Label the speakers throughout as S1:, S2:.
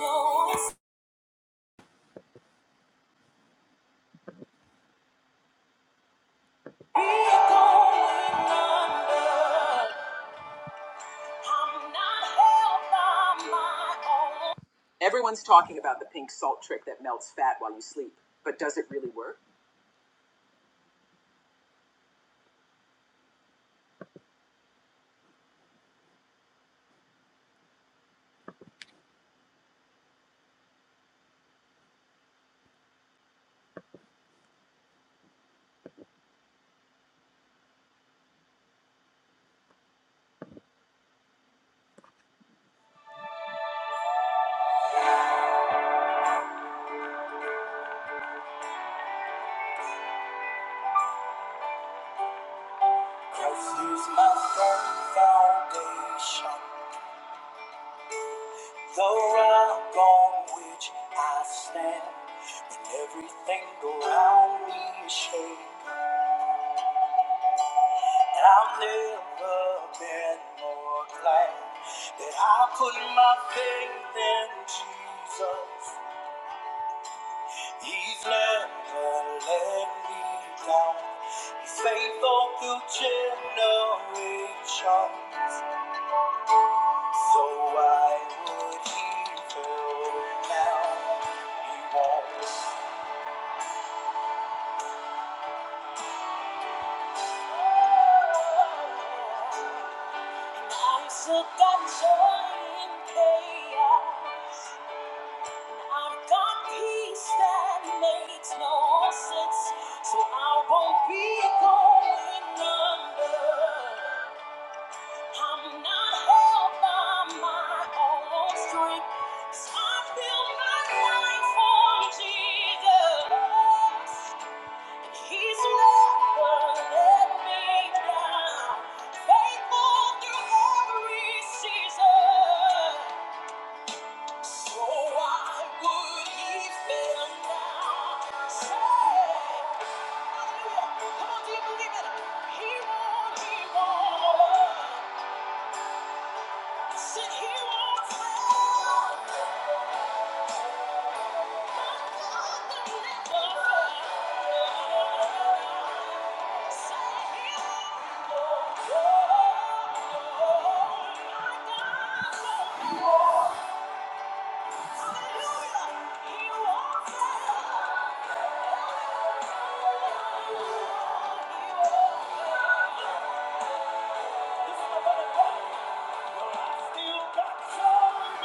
S1: no Everyone's talking about the pink salt trick that melts fat while you sleep, but does it really work? Christ is my foundation. The rock on which I stand, when everything around me is shaking, and I've never been more glad that I put my faith in Jesus. He's never let me down. He's faithful through generations, so why would he fail now. He won't. I've got joy in chaos. I've got peace that makes no sense. So I won't be going under. I'm not held by my own strength. 'Cause I build my life on Jesus. He's never let me down. Faithful through every season. So why would he fail now? Say, hallelujah. Come on, do you believe it? He won't, he won't. I he won't fail. Hallelujah. He won't fail. He won't fail. He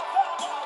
S1: Thank you.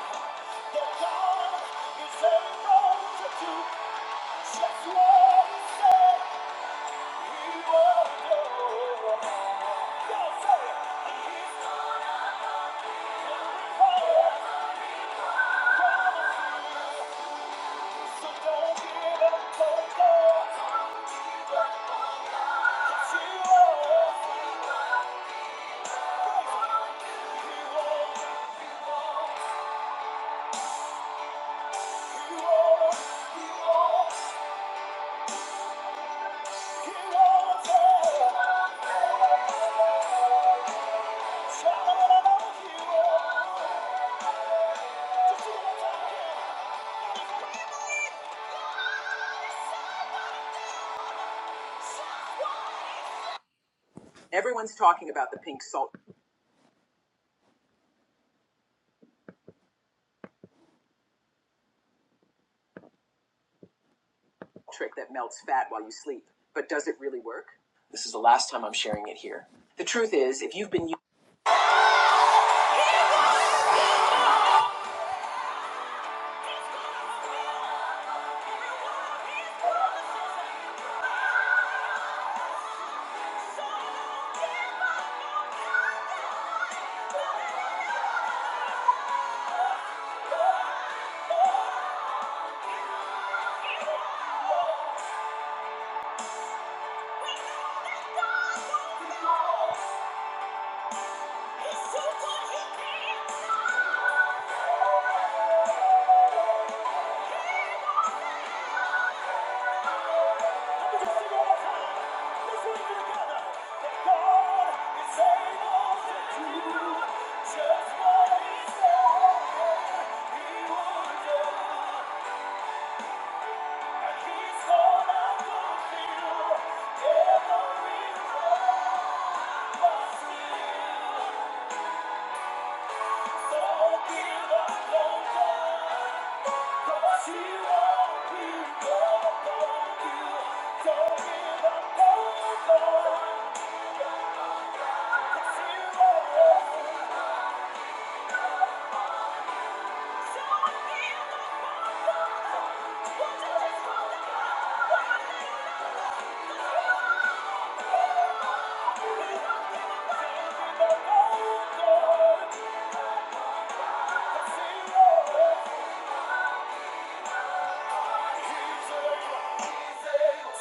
S1: Everyone's talking about the pink salt. trick that melts fat while you sleep. But does it really work? This is the last time I'm sharing it here. The truth is, if you've been. Don't give up, don't go. Say she's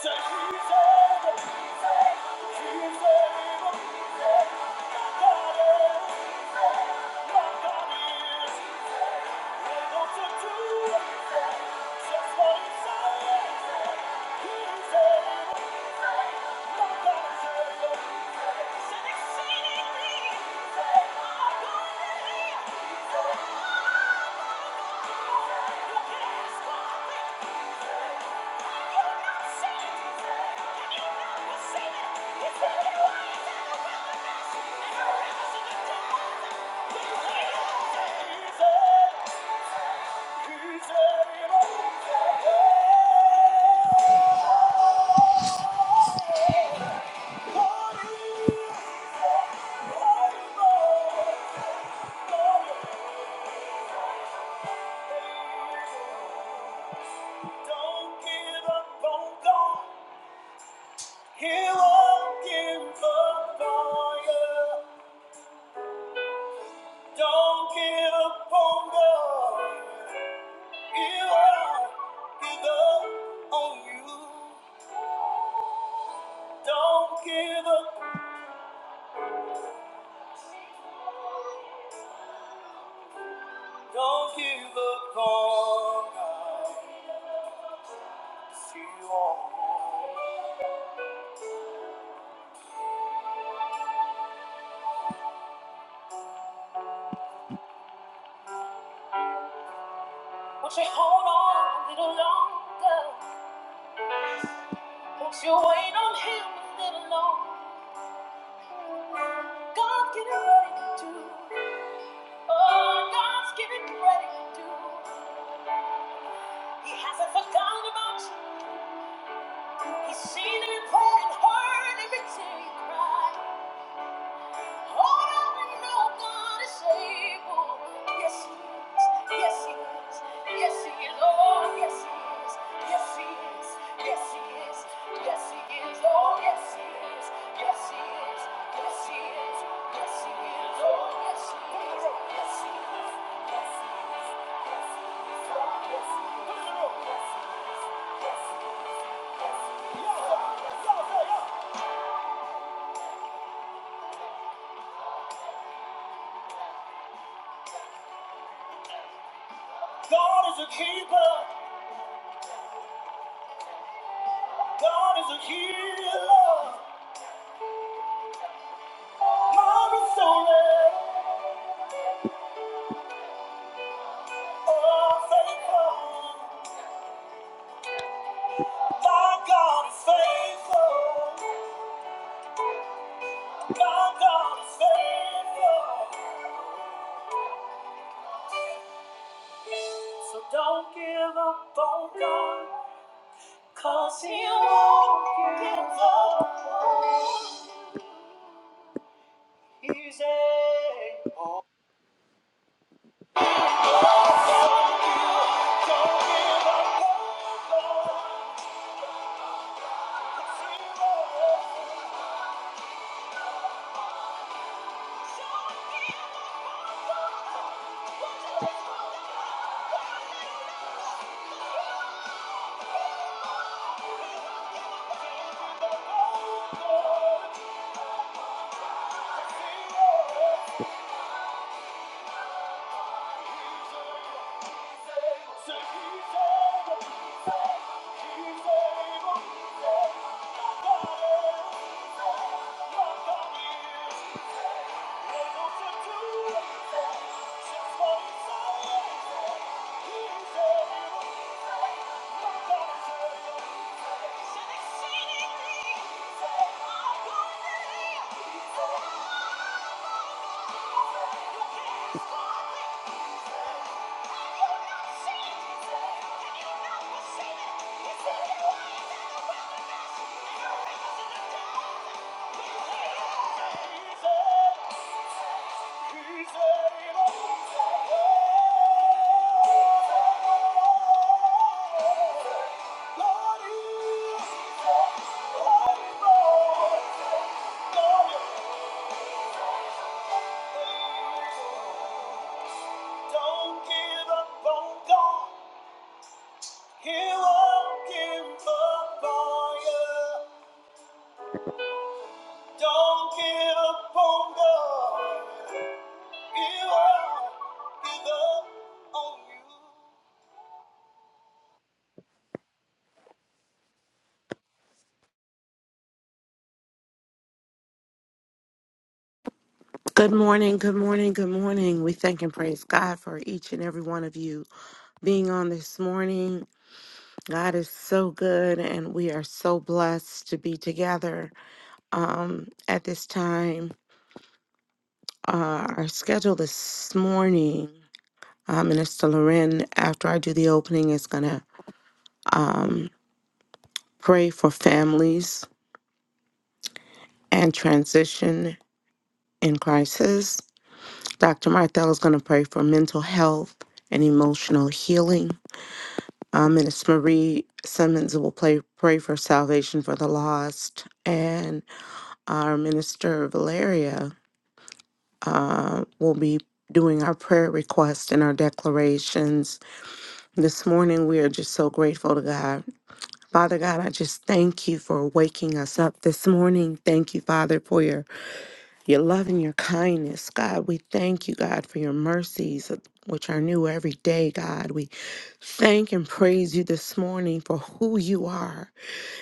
S1: able, she's able. My God is, my God is able to do just what He said. He's able, my God is able. Said exceedingly, my God is able. it. Don't give up on God. He won't give up on you. Don't give up on God. He won't give up on you. Don't give up. Don't give up on God. He won't. Won't you hold on a little longer? Won't you wait on him a little longer? God, get ready to. Oh, God's giving ready to He hasn't forgotten about you. He's seen every prayer and heard every tear you cry. Oh, now we know God is able. Yes, He is. Yes, He is. Yes, He is. Oh, yes, He is. Yes, He is. Yes, He is. Yes, He is. Oh, yes, He is. Yes, He is. Yes, He is. Yes, He is. Oh, yes, He is. Yes, He is. God is a keeper. God is a healer. God is so real. Oh, faithful. My God is faithful. My God is faithful. So don't give up on God, cause he won't give up easy. He won't give up. Thank you. Don't give up on God. He won't give up on you. Don't give up on God. He won't give up on
S2: Good morning, good morning, good morning. We thank and praise God for each and every one of you being on this morning. God is so good, and we are so blessed to be together um, at this time. Uh, our schedule this morning, uh, Minister Loren, after I do the opening, is going to um, pray for families and transition in crisis. Dr. Martell is going to pray for mental health and emotional healing. Um, Minister Marie Simmons will play, pray for salvation for the lost, and our minister Valeria uh, will be doing our prayer requests and our declarations. This morning, we are just so grateful to God. Father God, I just thank you for waking us up this morning. Thank you, Father, for your, your love and your kindness. God, we thank you, God, for your mercies, which are new every day, God. We thank and praise you this morning for who you are.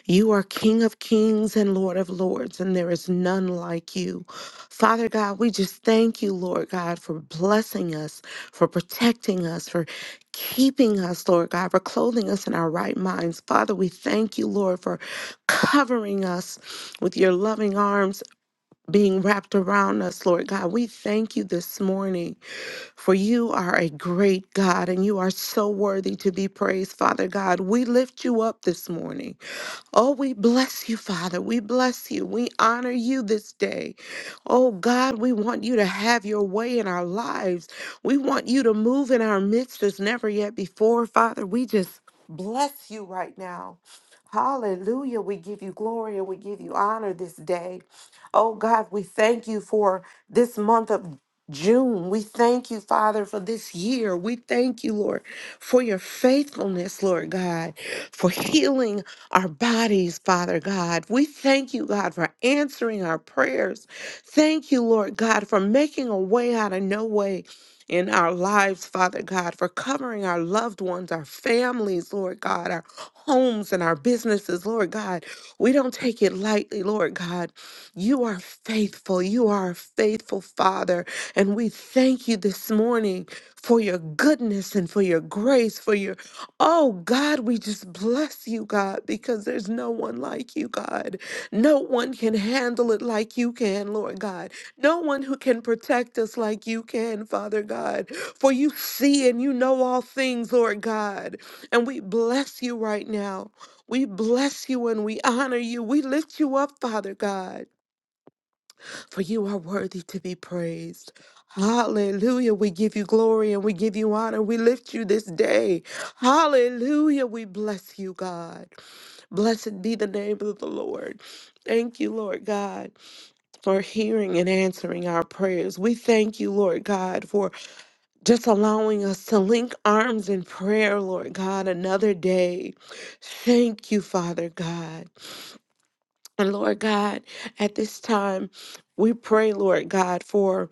S2: You are King of kings and Lord of lords, and there is none like you. Father God, we just thank you, Lord God, for blessing us, for protecting us, for keeping us, Lord God, for clothing us in our right minds. Father, we thank you, Lord, for covering us with your loving arms being wrapped around us, Lord God. We thank you this morning, for you are a great God, and you are so worthy to be praised, Father God. We lift you up this morning. Oh, we bless you, Father. We bless you. We honor you this day. Oh, God, we want you to have your way in our lives. We want you to move in our midst as never yet before, Father. We just bless you right now. Hallelujah. We give you glory and we give you honor this day. Oh, God, we thank you for this month of June. We thank you, Father, for this year. We thank you, Lord, for your faithfulness, Lord God, for healing our bodies, Father God. We thank you, God, for answering our prayers. Thank you, Lord God, for making a way out of no way. In our lives, Father God, for covering our loved ones, our families, Lord God, our homes and our businesses, Lord God. We don't take it lightly, Lord God. You are faithful. You are a faithful Father. And we thank you this morning for your goodness and for your grace, for your Oh God, we just bless you, God, because there's no one like you, God. No one can handle it like you can, Lord God. No one who can protect us like you can, Father God. For you see and you know all things, Lord God. And we bless you right now. We bless you and we honor you. We lift you up, Father God for you are worthy to be praised. Hallelujah. We give you glory and we give you honor. We lift you this day. Hallelujah. We bless you, God. Blessed be the name of the Lord. Thank you, Lord God, for hearing and answering our prayers. We thank you, Lord God, for just allowing us to link arms in prayer, Lord God, another day. Thank you, Father God. And Lord God, at this time, we pray, Lord God, for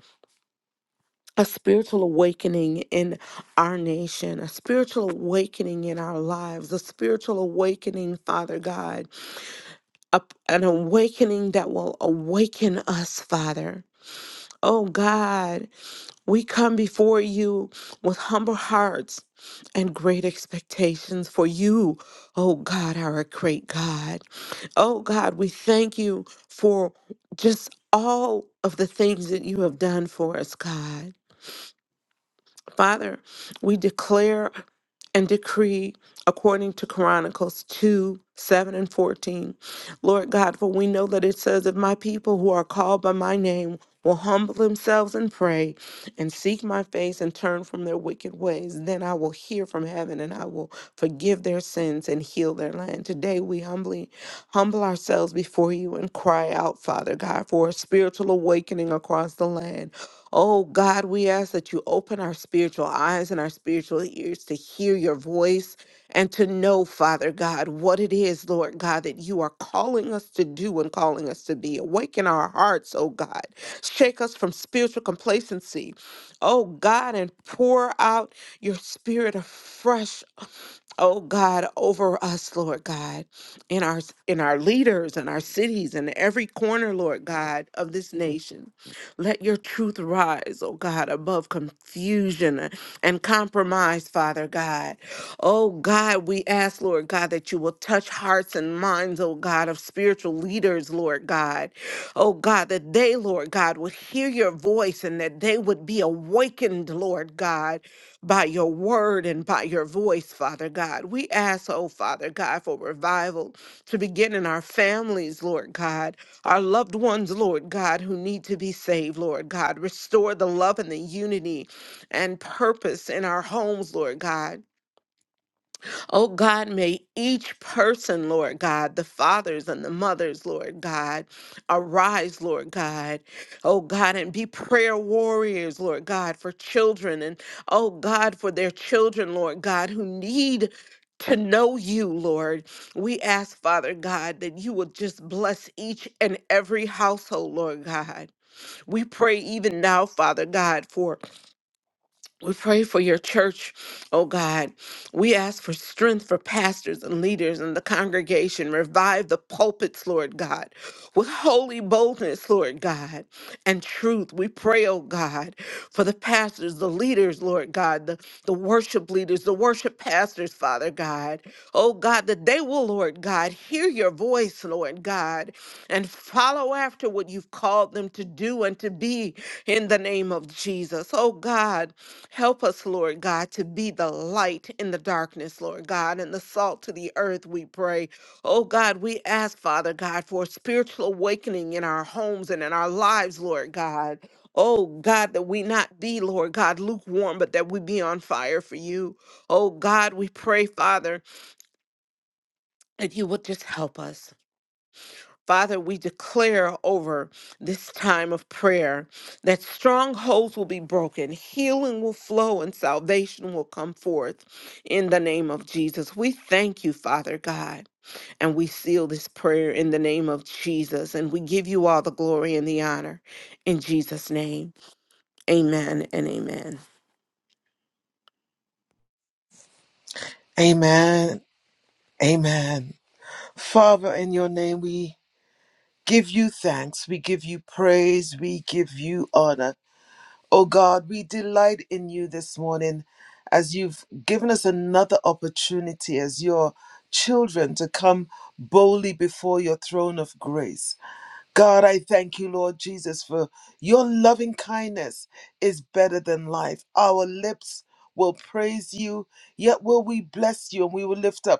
S2: a spiritual awakening in our nation, a spiritual awakening in our lives, a spiritual awakening, Father God, a, an awakening that will awaken us, Father. Oh God, we come before you with humble hearts and great expectations for you. Oh God, our great God. Oh God, we thank you for just all of the things that you have done for us, God. Father, we declare and decree according to Chronicles 2 7 and 14. Lord God, for we know that it says, If my people who are called by my name will humble themselves and pray and seek my face and turn from their wicked ways, then I will hear from heaven and I will forgive their sins and heal their land. Today we humbly humble ourselves before you and cry out, Father God, for a spiritual awakening across the land. Oh God, we ask that you open our spiritual eyes and our spiritual ears to hear your voice and to know, Father God, what it is, Lord God, that you are calling us to do and calling us to be. Awaken our hearts, oh God. Shake us from spiritual complacency, oh God, and pour out your spirit afresh oh God, over us, Lord God, in our in our leaders and our cities and every corner, Lord God, of this nation. Let your truth rise, oh God, above confusion and compromise, Father God. Oh God, we ask, Lord God, that you will touch hearts and minds, oh God, of spiritual leaders, Lord God. Oh God, that they, Lord God, would hear your voice and that they would be awakened, Lord God by your word and by your voice, Father God. We ask, oh Father God, for revival to begin in our families, Lord God, our loved ones, Lord God, who need to be saved, Lord God. Restore the love and the unity and purpose in our homes, Lord God. Oh God, may each person, Lord God, the fathers and the mothers, Lord God, arise, Lord God. Oh God, and be prayer warriors, Lord God, for children and oh God, for their children, Lord God, who need to know you, Lord. We ask, Father God, that you will just bless each and every household, Lord God. We pray even now, Father God, for we pray for your church, oh God. We ask for strength for pastors and leaders in the congregation. Revive the pulpits, Lord God, with holy boldness, Lord God, and truth. We pray, oh God, for the pastors, the leaders, Lord God, the, the worship leaders, the worship pastors, Father God. Oh God, that they will, Lord God, hear your voice, Lord God, and follow after what you've called them to do and to be in the name of Jesus. Oh God. Help us, Lord God, to be the light in the darkness, Lord God, and the salt to the earth, we pray. Oh God, we ask, Father God, for a spiritual awakening in our homes and in our lives, Lord God. Oh God, that we not be, Lord God, lukewarm, but that we be on fire for you. Oh God, we pray, Father, that you would just help us. Father, we declare over this time of prayer that strongholds will be broken, healing will flow, and salvation will come forth in the name of Jesus. We thank you, Father God, and we seal this prayer in the name of Jesus, and we give you all the glory and the honor in Jesus' name. Amen and amen.
S1: you. Amen. Amen. Father, in your name, we give you thanks. We give you praise. We give you honor. Oh God, we delight in you this morning as you've given us another opportunity as your children to come boldly before your throne of grace. God, I thank you, Lord Jesus, for your loving kindness is better than life. Our lips will praise you, yet will we bless you and we will lift up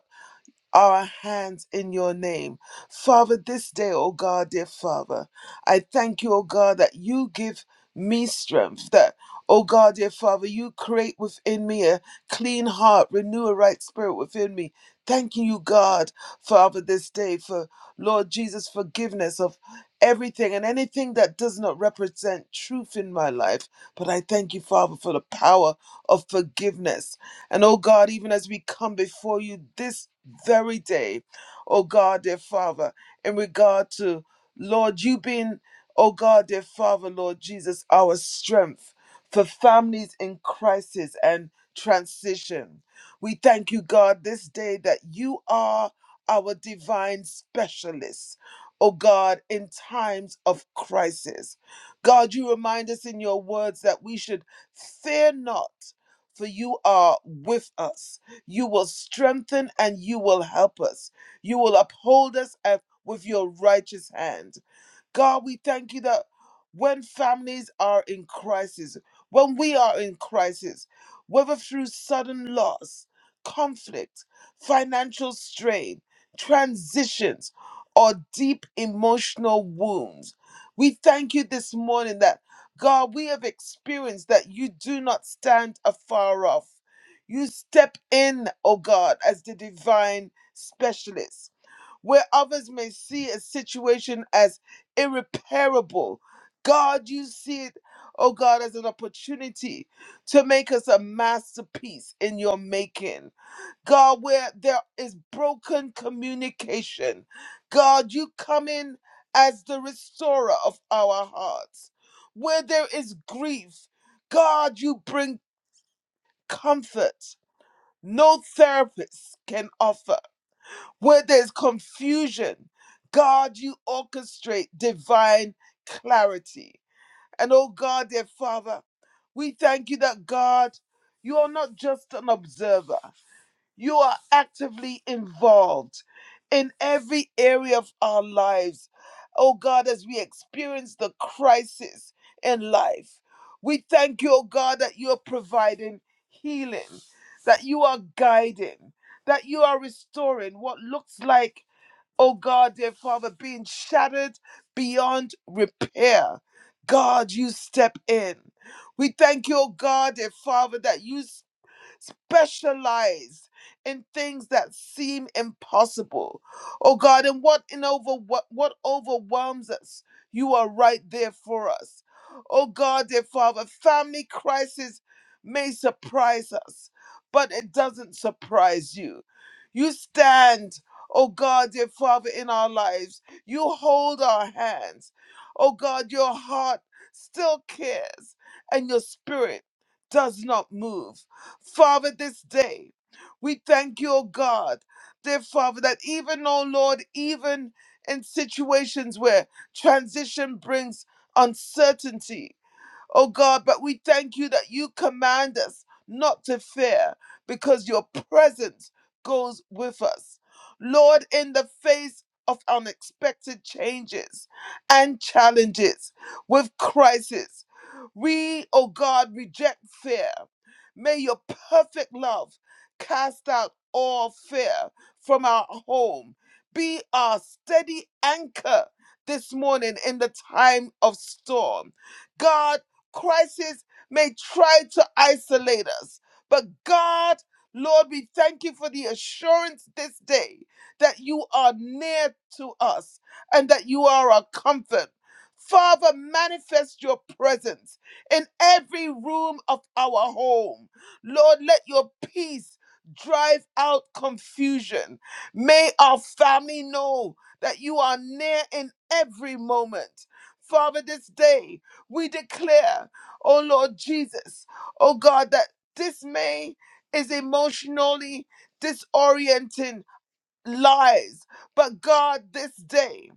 S1: our hands in your name. Father, this day, oh God, dear Father, I thank you, oh God, that you give me strength, that, oh God, dear Father, you create within me a clean heart, renew a right spirit within me. Thanking you, God, Father, this day for Lord Jesus' forgiveness of everything and anything that does not represent truth in my life. But I thank you, Father, for the power of forgiveness and oh God, even as we come before you this very day, oh God, dear Father, in regard to Lord, you being, oh God, dear Father, Lord Jesus, our strength for families in crisis and transition. We thank you, God, this day that you are our divine specialist, oh God, in times of crisis. God, you remind us in your words that we should fear not for you are with us. You will strengthen and you will help us. You will uphold us at- with your righteous hand. God, we thank you that when families are in crisis, when we are in crisis, whether through sudden loss, conflict, financial strain, transitions, or deep emotional wounds, we thank you this morning that, God, we have experienced that you do not stand afar off. You step in, oh God, as the divine specialist where others may see a situation as irreparable. God, you see it, oh God, as an opportunity to make us a masterpiece in your making. God, where there is broken communication, God, you come in as the restorer of our hearts. Where there is grief, God, you bring comfort. No therapist can offer. Where there's confusion, God, you orchestrate divine clarity. And oh God, dear Father, we thank you that God, you are not just an observer, you are actively involved in every area of our lives. Oh God, as we experience the crisis in life, we thank you, oh God, that you are providing healing, that you are guiding, that you are restoring what looks like Oh God, dear Father, being shattered beyond repair. God, you step in. We thank you, oh God, dear Father, that you Specialize in things that seem impossible. Oh God, and what in over what, what overwhelms us, you are right there for us. Oh God, dear Father, family crisis may surprise us, but it doesn't surprise you. You stand, oh God, dear Father, in our lives. You hold our hands. Oh God, your heart still cares and your spirit does not move. Father, this day, we thank you, oh God, dear Father, that even, oh Lord, even in situations where transition brings uncertainty, Oh God, but we thank you that you command us not to fear because your presence goes with us. Lord, in the face of unexpected changes and challenges with crisis, we, oh God, reject fear. May your perfect love cast out all fear from our home. Be our steady anchor this morning in the time of storm. God, crisis may try to isolate us. But God, Lord, we thank you for the assurance this day that you are near to us and that you are our comfort. Father, manifest your presence in every room of our home. Lord, let your peace drive out confusion. May our family know that you are near in every moment. Father, this day, we declare, oh Lord Jesus, oh God, that dismay is emotionally disorienting lies. But God, this day,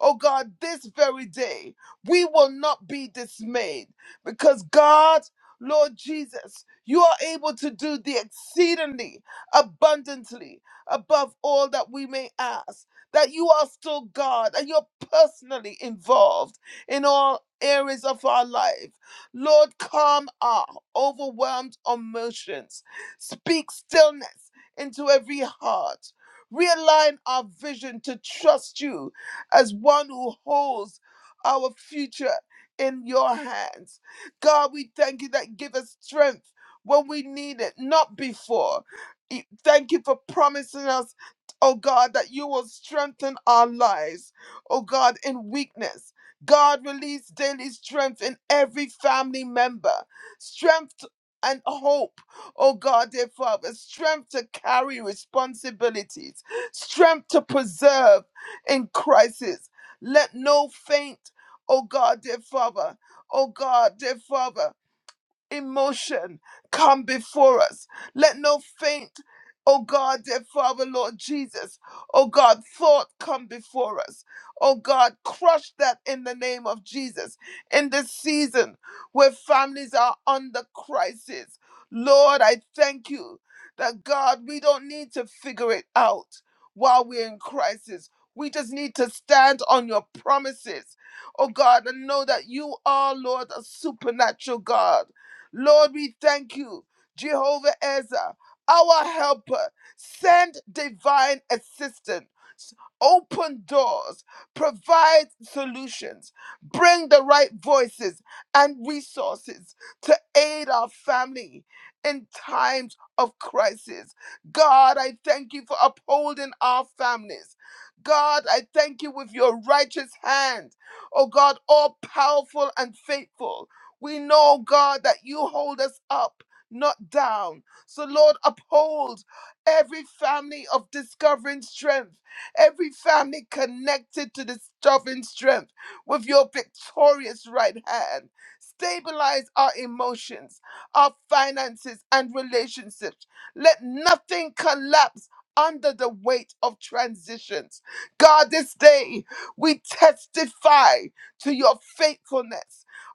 S1: oh God, this very day, we will not be dismayed because God, Lord Jesus, you are able to do the exceedingly abundantly above all that we may ask. That you are still God and you're personally involved in all areas of our life. Lord, calm our overwhelmed emotions. Speak stillness into every heart. Realign our vision to trust you as one who holds our future in your hands. God, we thank you that give us strength when we need it, not before. E- Thank you for promising us, oh God, that you will strengthen our lives, oh God, in weakness. God, release daily strength in every family member, strength and hope, oh God, dear Father, strength to carry responsibilities strength to preserve in crisis. Let no faint, oh God, dear Father, oh God, dear Father emotion come before us. Let no faint, oh God, dear Father, Lord Jesus, oh God, thought come before us. Oh God, crush that in the name of Jesus. In this season where families are under crisis, Lord, I thank you that God, we don't need to figure it out while we're in crisis. We just need to stand on your promises, oh God, and know that you are, Lord, a supernatural God. Lord, we thank you, Jehovah Ezra, our helper. Send divine assistance. Open doors, provide solutions, bring the right voices and resources to aid our family in times of crisis. God, I thank you for upholding our families. God, I thank you with your righteous hand. Oh God, all powerful and faithful. We know, God, that you hold us up, not down. So, Lord, uphold every family of discovering strength, every family connected to discovering strength with your victorious right hand. Stabilize our emotions, our finances, and relationships. Let nothing collapse under the weight of transitions. God, this day we testify to your faithfulness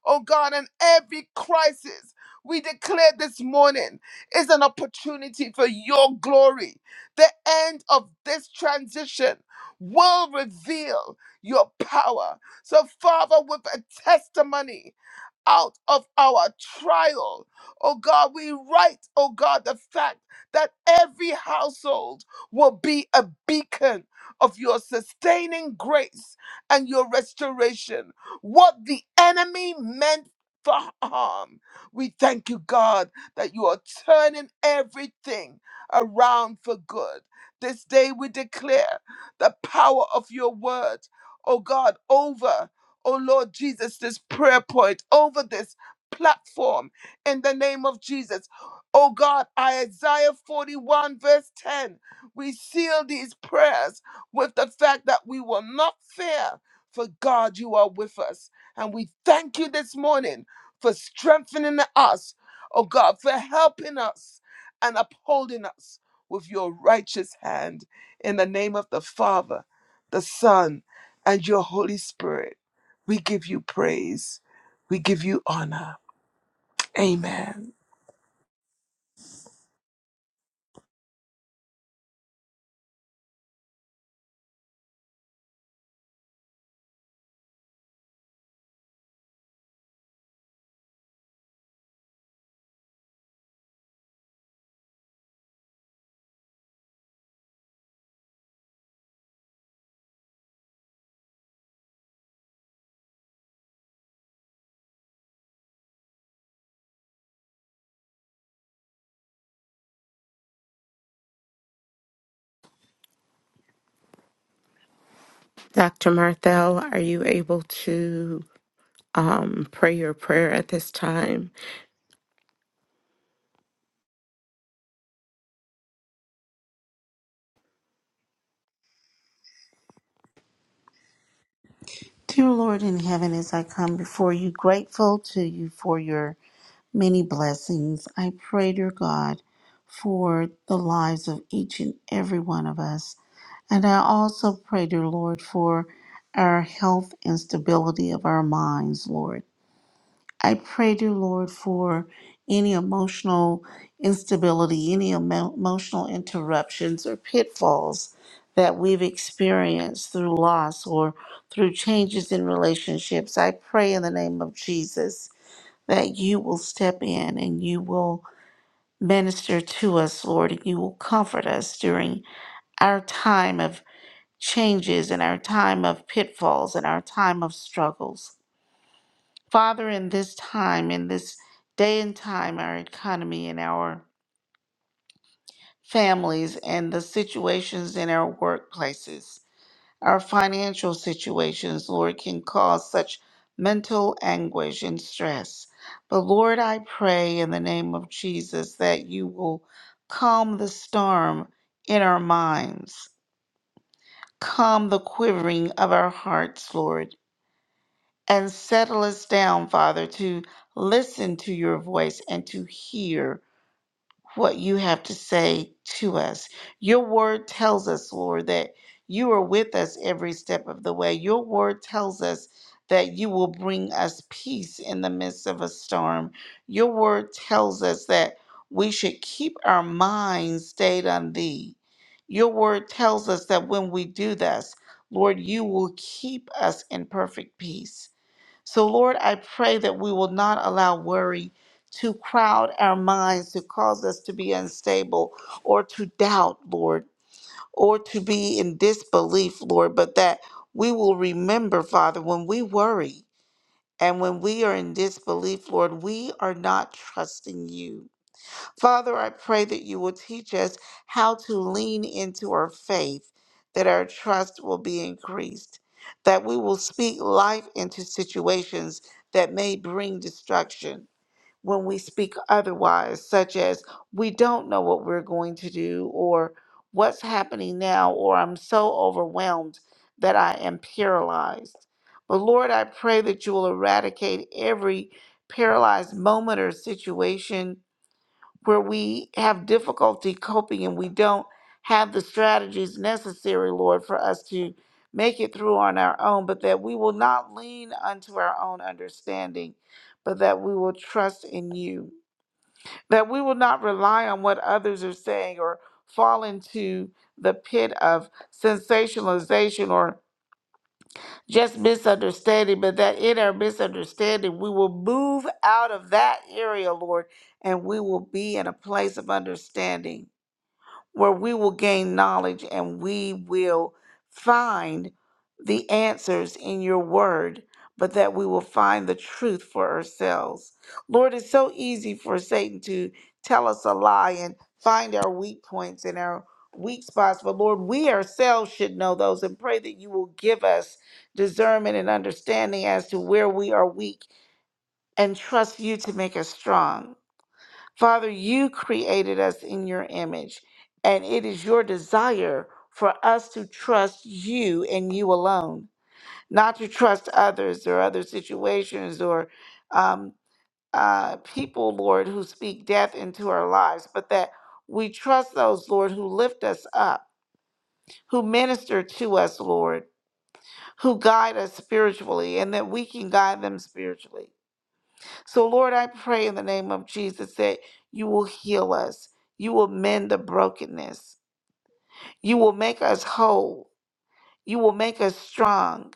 S1: oh God, and every crisis we declare this morning is an opportunity for your glory. The end of this transition will reveal your power. So, Father, with a testimony, out of our trial. Oh God, we write, oh God, the fact that every household will be a beacon of your sustaining grace and your restoration what the enemy meant for harm. We thank you, God, that you are turning everything around for good. This day we declare the power of your word, oh God, over, oh Lord Jesus, this prayer point, over this platform in the name of Jesus. Oh God, Isaiah 41, verse 10, we seal these prayers with the fact that we will not fear for God, you are with us. And we thank you this morning for strengthening us, oh God, for helping us and upholding us with your righteous hand in the name of the Father, the Son, and your Holy Spirit. We give you praise. We give you honor. Amen.
S2: Dr. Marthel, are you able to um, pray your prayer at this time?
S3: Dear Lord in heaven, as I come before you, grateful to you for your many blessings, I pray, dear God, for the lives of each and every one of us. And I also pray, dear Lord, for our health and stability of our minds, Lord. I pray, dear Lord, for any emotional instability, any emo- emotional interruptions or pitfalls that we've experienced through loss or through changes in relationships. I pray in the name of Jesus that you will step in and you will minister to us, Lord, and you will comfort us during our time of changes and our time of pitfalls and our time of struggles. Father, in this time, in this day and time, our economy and our families and the situations in our workplaces, our financial situations, Lord, can cause such mental anguish and stress. But Lord, I pray in the name of Jesus that you will calm the storm in our minds, calm the quivering of our hearts, Lord and settle us down, Father, to listen to your voice and to hear what you have to say to us. Your word tells us, Lord, that you are with us every step of the way. Your word tells us that you will bring us peace in the midst of a storm. Your word tells us that we should keep our minds stayed on thee. Your word tells us that when we do this, Lord, you will keep us in perfect peace. So, Lord, I pray that we will not allow worry to crowd our minds, to cause us to be unstable or to doubt, Lord, or to be in disbelief, Lord, but that we will remember, Father, when we worry and when we are in disbelief, Lord, we are not trusting you. Father, I pray that you will teach us how to lean into our faith, that our trust will be increased, that we will speak life into situations that may bring destruction when we speak otherwise, such as, we don't know what we're going to do, or what's happening now, or I'm so overwhelmed that I am paralyzed. But Lord, I pray that you will eradicate every paralyzed moment or situation where we have difficulty coping and we don't have the strategies necessary, Lord, for us to make it through on our own, but that we will not lean unto our own understanding, but that we will trust in you. That we will not rely on what others are saying or fall into the pit of sensationalization or just misunderstanding, but that in our misunderstanding, we will move out of that area, Lord, and we will be in a place of understanding where we will gain knowledge and we will find the answers in your word, but that we will find the truth for ourselves. Lord, it's so easy for Satan to tell us a lie and find our weak points and our weak spots, but Lord, we ourselves should know those and pray that you will give us discernment and understanding as to where we are weak and trust you to make us strong. Father, you created us in your image, and it is your desire for us to trust you and you alone, not to trust others or other situations or um, uh, people, Lord, who speak death into our lives, but that we trust those, Lord, who lift us up, who minister to us, Lord, who guide us spiritually, and that we can guide them spiritually. So, Lord, I pray in the name of Jesus that you will heal us. You will mend the brokenness. You will make us whole. You will make us strong.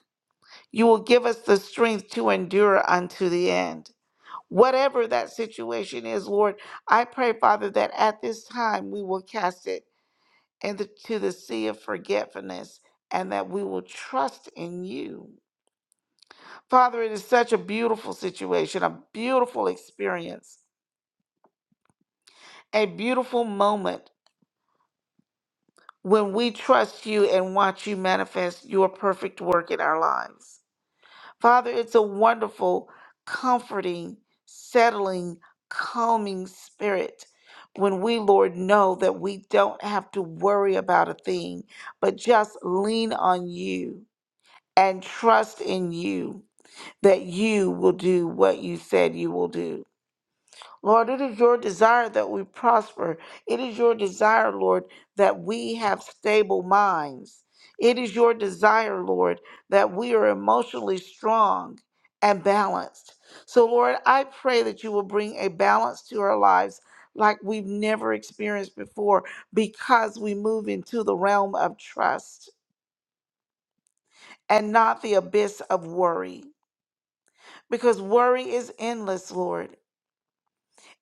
S3: You will give us the strength to endure unto the end. Whatever that situation is, Lord, I pray, Father, that at this time we will cast it into the sea of forgetfulness and that we will trust in you. Father, it is such a beautiful situation, a beautiful experience, a beautiful moment when we trust you and watch you manifest your perfect work in our lives. Father, it's a wonderful, comforting, settling, calming spirit when we, Lord, know that we don't have to worry about a thing, but just lean on you and trust in you that you will do what you said you will do. Lord, it is your desire that we prosper. It is your desire, Lord, that we have stable minds. It is your desire, Lord, that we are emotionally strong and balanced. So, Lord, I pray that you will bring a balance to our lives like we've never experienced before because we move into the realm of trust and not the abyss of worry. Because worry is endless, Lord.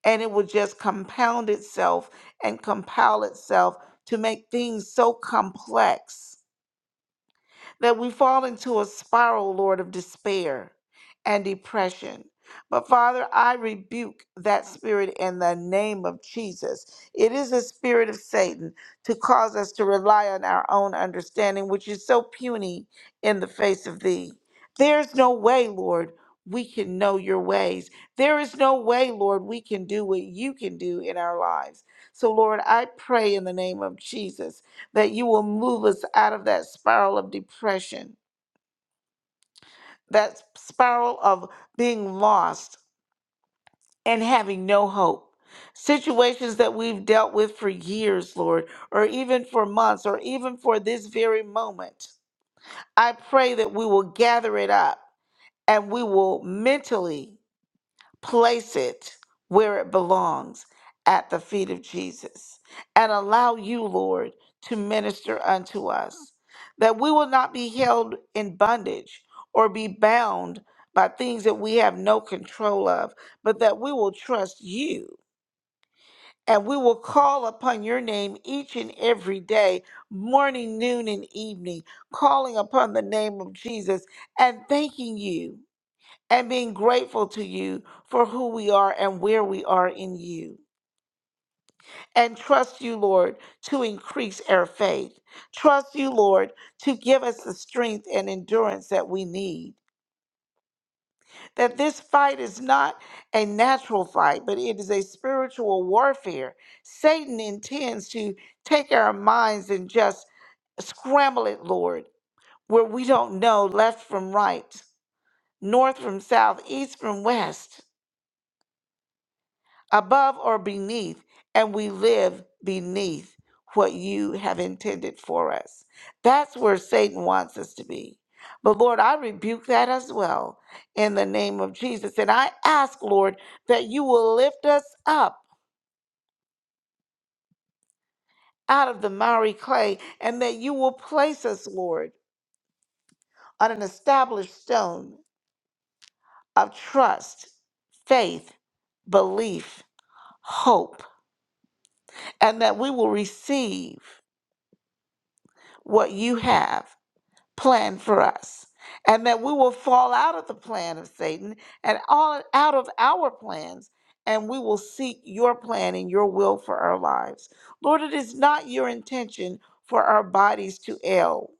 S3: and it will just compound itself and compile itself to make things so complex that we fall into a spiral, Lord, of despair and depression. But Father, I rebuke that spirit in the name of Jesus. It is a spirit of Satan to cause us to rely on our own understanding, which is so puny in the face of Thee. There's no way, Lord, we can know Your ways. There is no way, Lord, we can do what You can do in our lives. So, Lord, I pray in the name of Jesus that you will move us out of that spiral of depression, that spiral of being lost and having no hope. Situations that we've dealt with for years, Lord, or even for months, or even for this very moment. I pray that we will gather it up and we will mentally place it where it belongs at the feet of Jesus and allow you, Lord, to minister unto us, that we will not be held in bondage or be bound by things that we have no control of, but that we will trust you. And we will call upon your name each and every day, morning, noon, and evening, calling upon the name of Jesus and thanking you and being grateful to you for who we are and where we are in you. And trust you, Lord, to increase our faith. Trust you, Lord, to give us the strength and endurance that we need. That this fight is not a natural fight, but it is a spiritual warfare. Satan intends to take our minds and just scramble it, Lord, where we don't know left from right, north from south, east from west. above or beneath, and we live beneath what you have intended for us. That's where Satan wants us to be. But Lord, I rebuke that as well in the name of Jesus. And I ask, Lord, that you will lift us up out of the miry clay and that you will place us, Lord, on an established stone of trust, faith, belief, hope, and that we will receive what you have plan for us and that we will fall out of the plan of Satan and all out of our plans and we will seek your plan and your will for our lives. Lord, it is not your intention for our bodies to ail.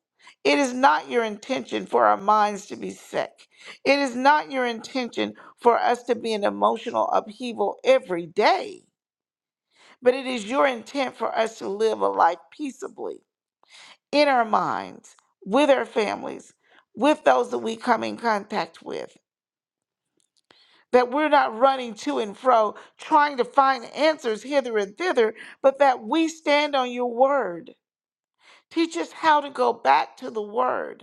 S3: It is not your intention for our minds to be sick. It is not your intention for us to be in emotional upheaval every day, but it is your intent for us to live a life peaceably in our minds, with our families, with those that we come in contact with. That we're not running to and fro trying to find answers hither and thither, but that we stand on your word. Teach us how to go back to the word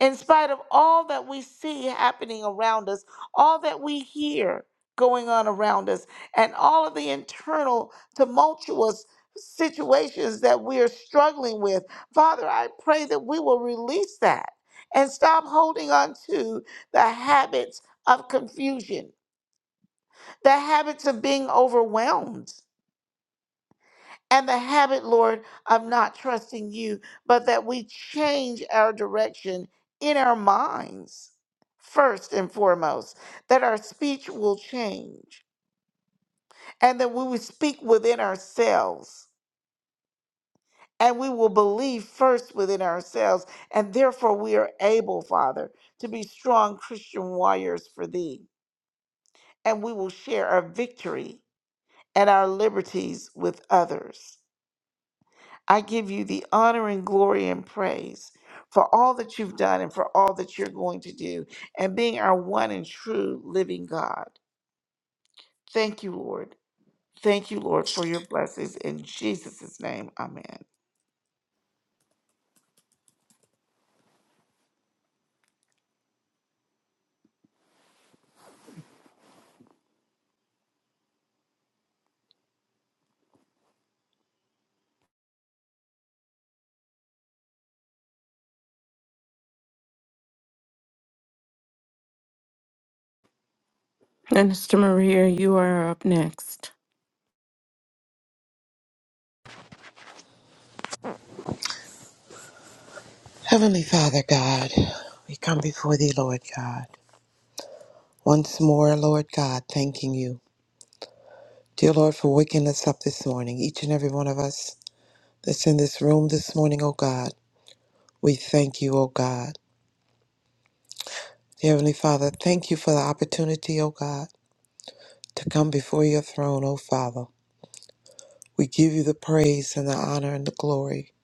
S3: in spite of all that we see happening around us, all that we hear going on around us, and all of the internal tumultuous situations that we are struggling with. Father, I pray that we will release that and stop holding on to the habits of confusion, the habits of being overwhelmed and the habit, Lord, of not trusting you, but that we change our direction in our minds first and foremost, that our speech will change, and that we will speak within ourselves. And we will believe first within ourselves, and therefore we are able, Father, to be strong Christian warriors for Thee. And we will share our victory and our liberties with others. I give you the honor and glory and praise for all that you've done and for all that you're going to do and being our one and true living God. Thank you, Lord. Thank you, Lord, for your blessings. In Jesus' name, amen.
S2: Minister Maria, you are up next.
S4: Heavenly Father God, we come before thee, Lord God. Once more, Lord God, thanking you. Dear Lord, for waking us up this morning, each and every one of us that's in this room this morning, O God. We thank you, O God. Dear Heavenly Father, thank you for the opportunity, O God, to come before your throne, O Father. We give you the praise and the honor and the glory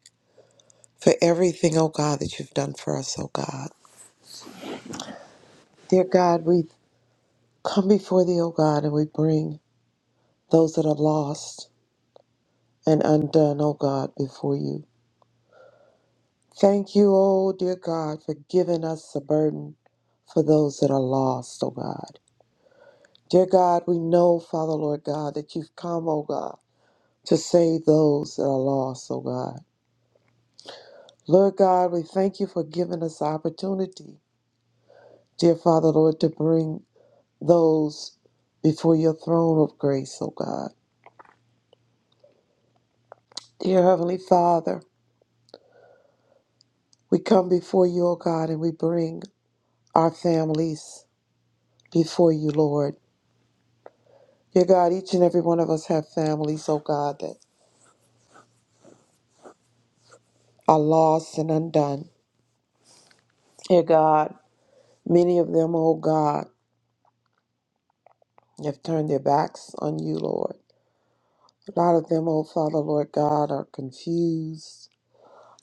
S4: for everything, O God, that you've done for us, O God. Dear God, we come before thee, O God, and we bring those that are lost. and undone, O God, before you. Thank you, O dear God, for giving us a burden for those that are lost, O God. Dear God, we know, Father, Lord God, that you've come, O God, to save those that are lost, O God. Lord God, we thank you for giving us the opportunity, dear Father, Lord, to bring those before your throne of grace, O God. Dear Heavenly Father, we come before you, O God, and we bring our families before you, Lord. Dear God, each and every one of us have families, oh God, that are lost and undone. Dear God, many of them, oh God, have turned their backs on you, Lord. A lot of them, oh Father, Lord God, are confused.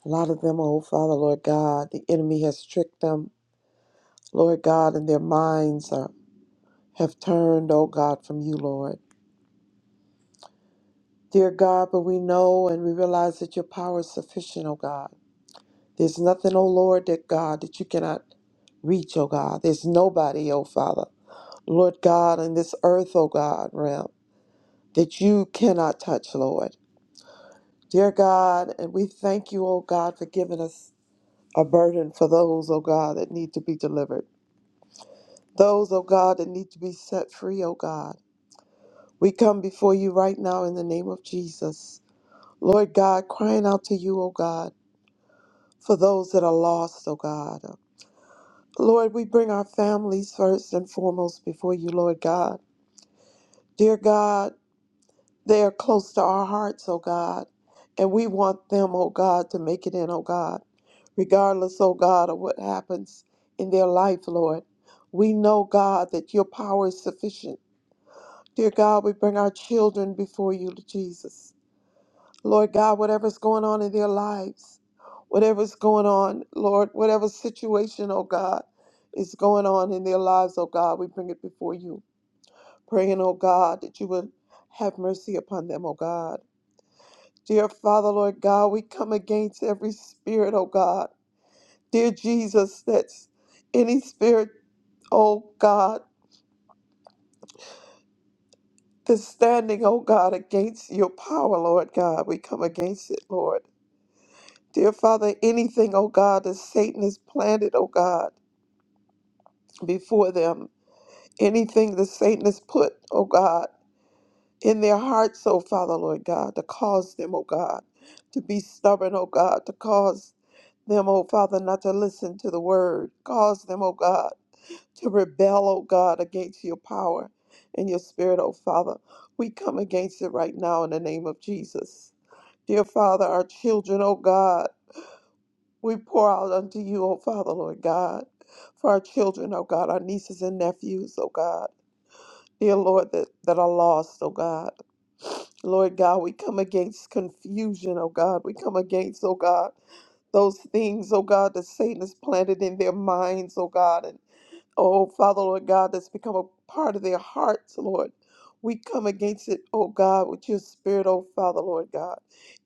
S4: A lot of them, oh Father, Lord God, the enemy has tricked them, Lord God, and their minds are, have turned, oh God, from you, Lord. Dear God, but we know and we realize that your power is sufficient, oh God. There's nothing, oh Lord, that God, that you cannot reach, oh God. There's nobody, oh Father, Lord God, in this earth, oh God, realm, that you cannot touch, Lord. Dear God, and we thank you, oh God, for giving us a burden for those, oh God, that need to be delivered. Those, oh God, that need to be set free, oh God. We come before you right now in the name of Jesus. Lord God, crying out to you, oh God, for those that are lost, oh God. Lord, we bring our families first and foremost before you, Lord God. Dear God, they are close to our hearts, oh God, and we want them, oh God, to make it in, oh God, regardless, oh God, of what happens in their life, Lord. We know, God, that your power is sufficient. Dear God, we bring our children before you, Jesus. Lord God, whatever's going on in their lives, whatever's going on, Lord, whatever situation, oh God, is going on in their lives, oh God, we bring it before you. Praying, oh God, that you would have mercy upon them, oh God. Dear Father, Lord God, we come against every spirit, oh God. Dear Jesus, that's any spirit, oh God, that's standing, oh God, against your power, Lord God. We come against it, Lord. Dear Father, anything, oh God, that Satan has planted, oh God, before them, anything that Satan has put, oh God, in their hearts, oh Father, Lord God, to cause them, oh God, to be stubborn, oh God, to cause them, oh Father, not to listen to the word, cause them, oh God, to rebel, oh God, against your power and your spirit, oh Father. We come against it right now in the name of Jesus. Dear Father, our children, oh God, We pour out unto you, O Father, Lord God, for our children, O God, our nieces and nephews, O God, dear Lord, that, that are lost, O God. Lord God, we come against confusion, O God. We come against, O God, those things, O God, that Satan has planted in their minds, O God, and Oh, Father, Lord God, that's become a part of their hearts, Lord. We come against it, oh God, with your spirit, oh Father, Lord God.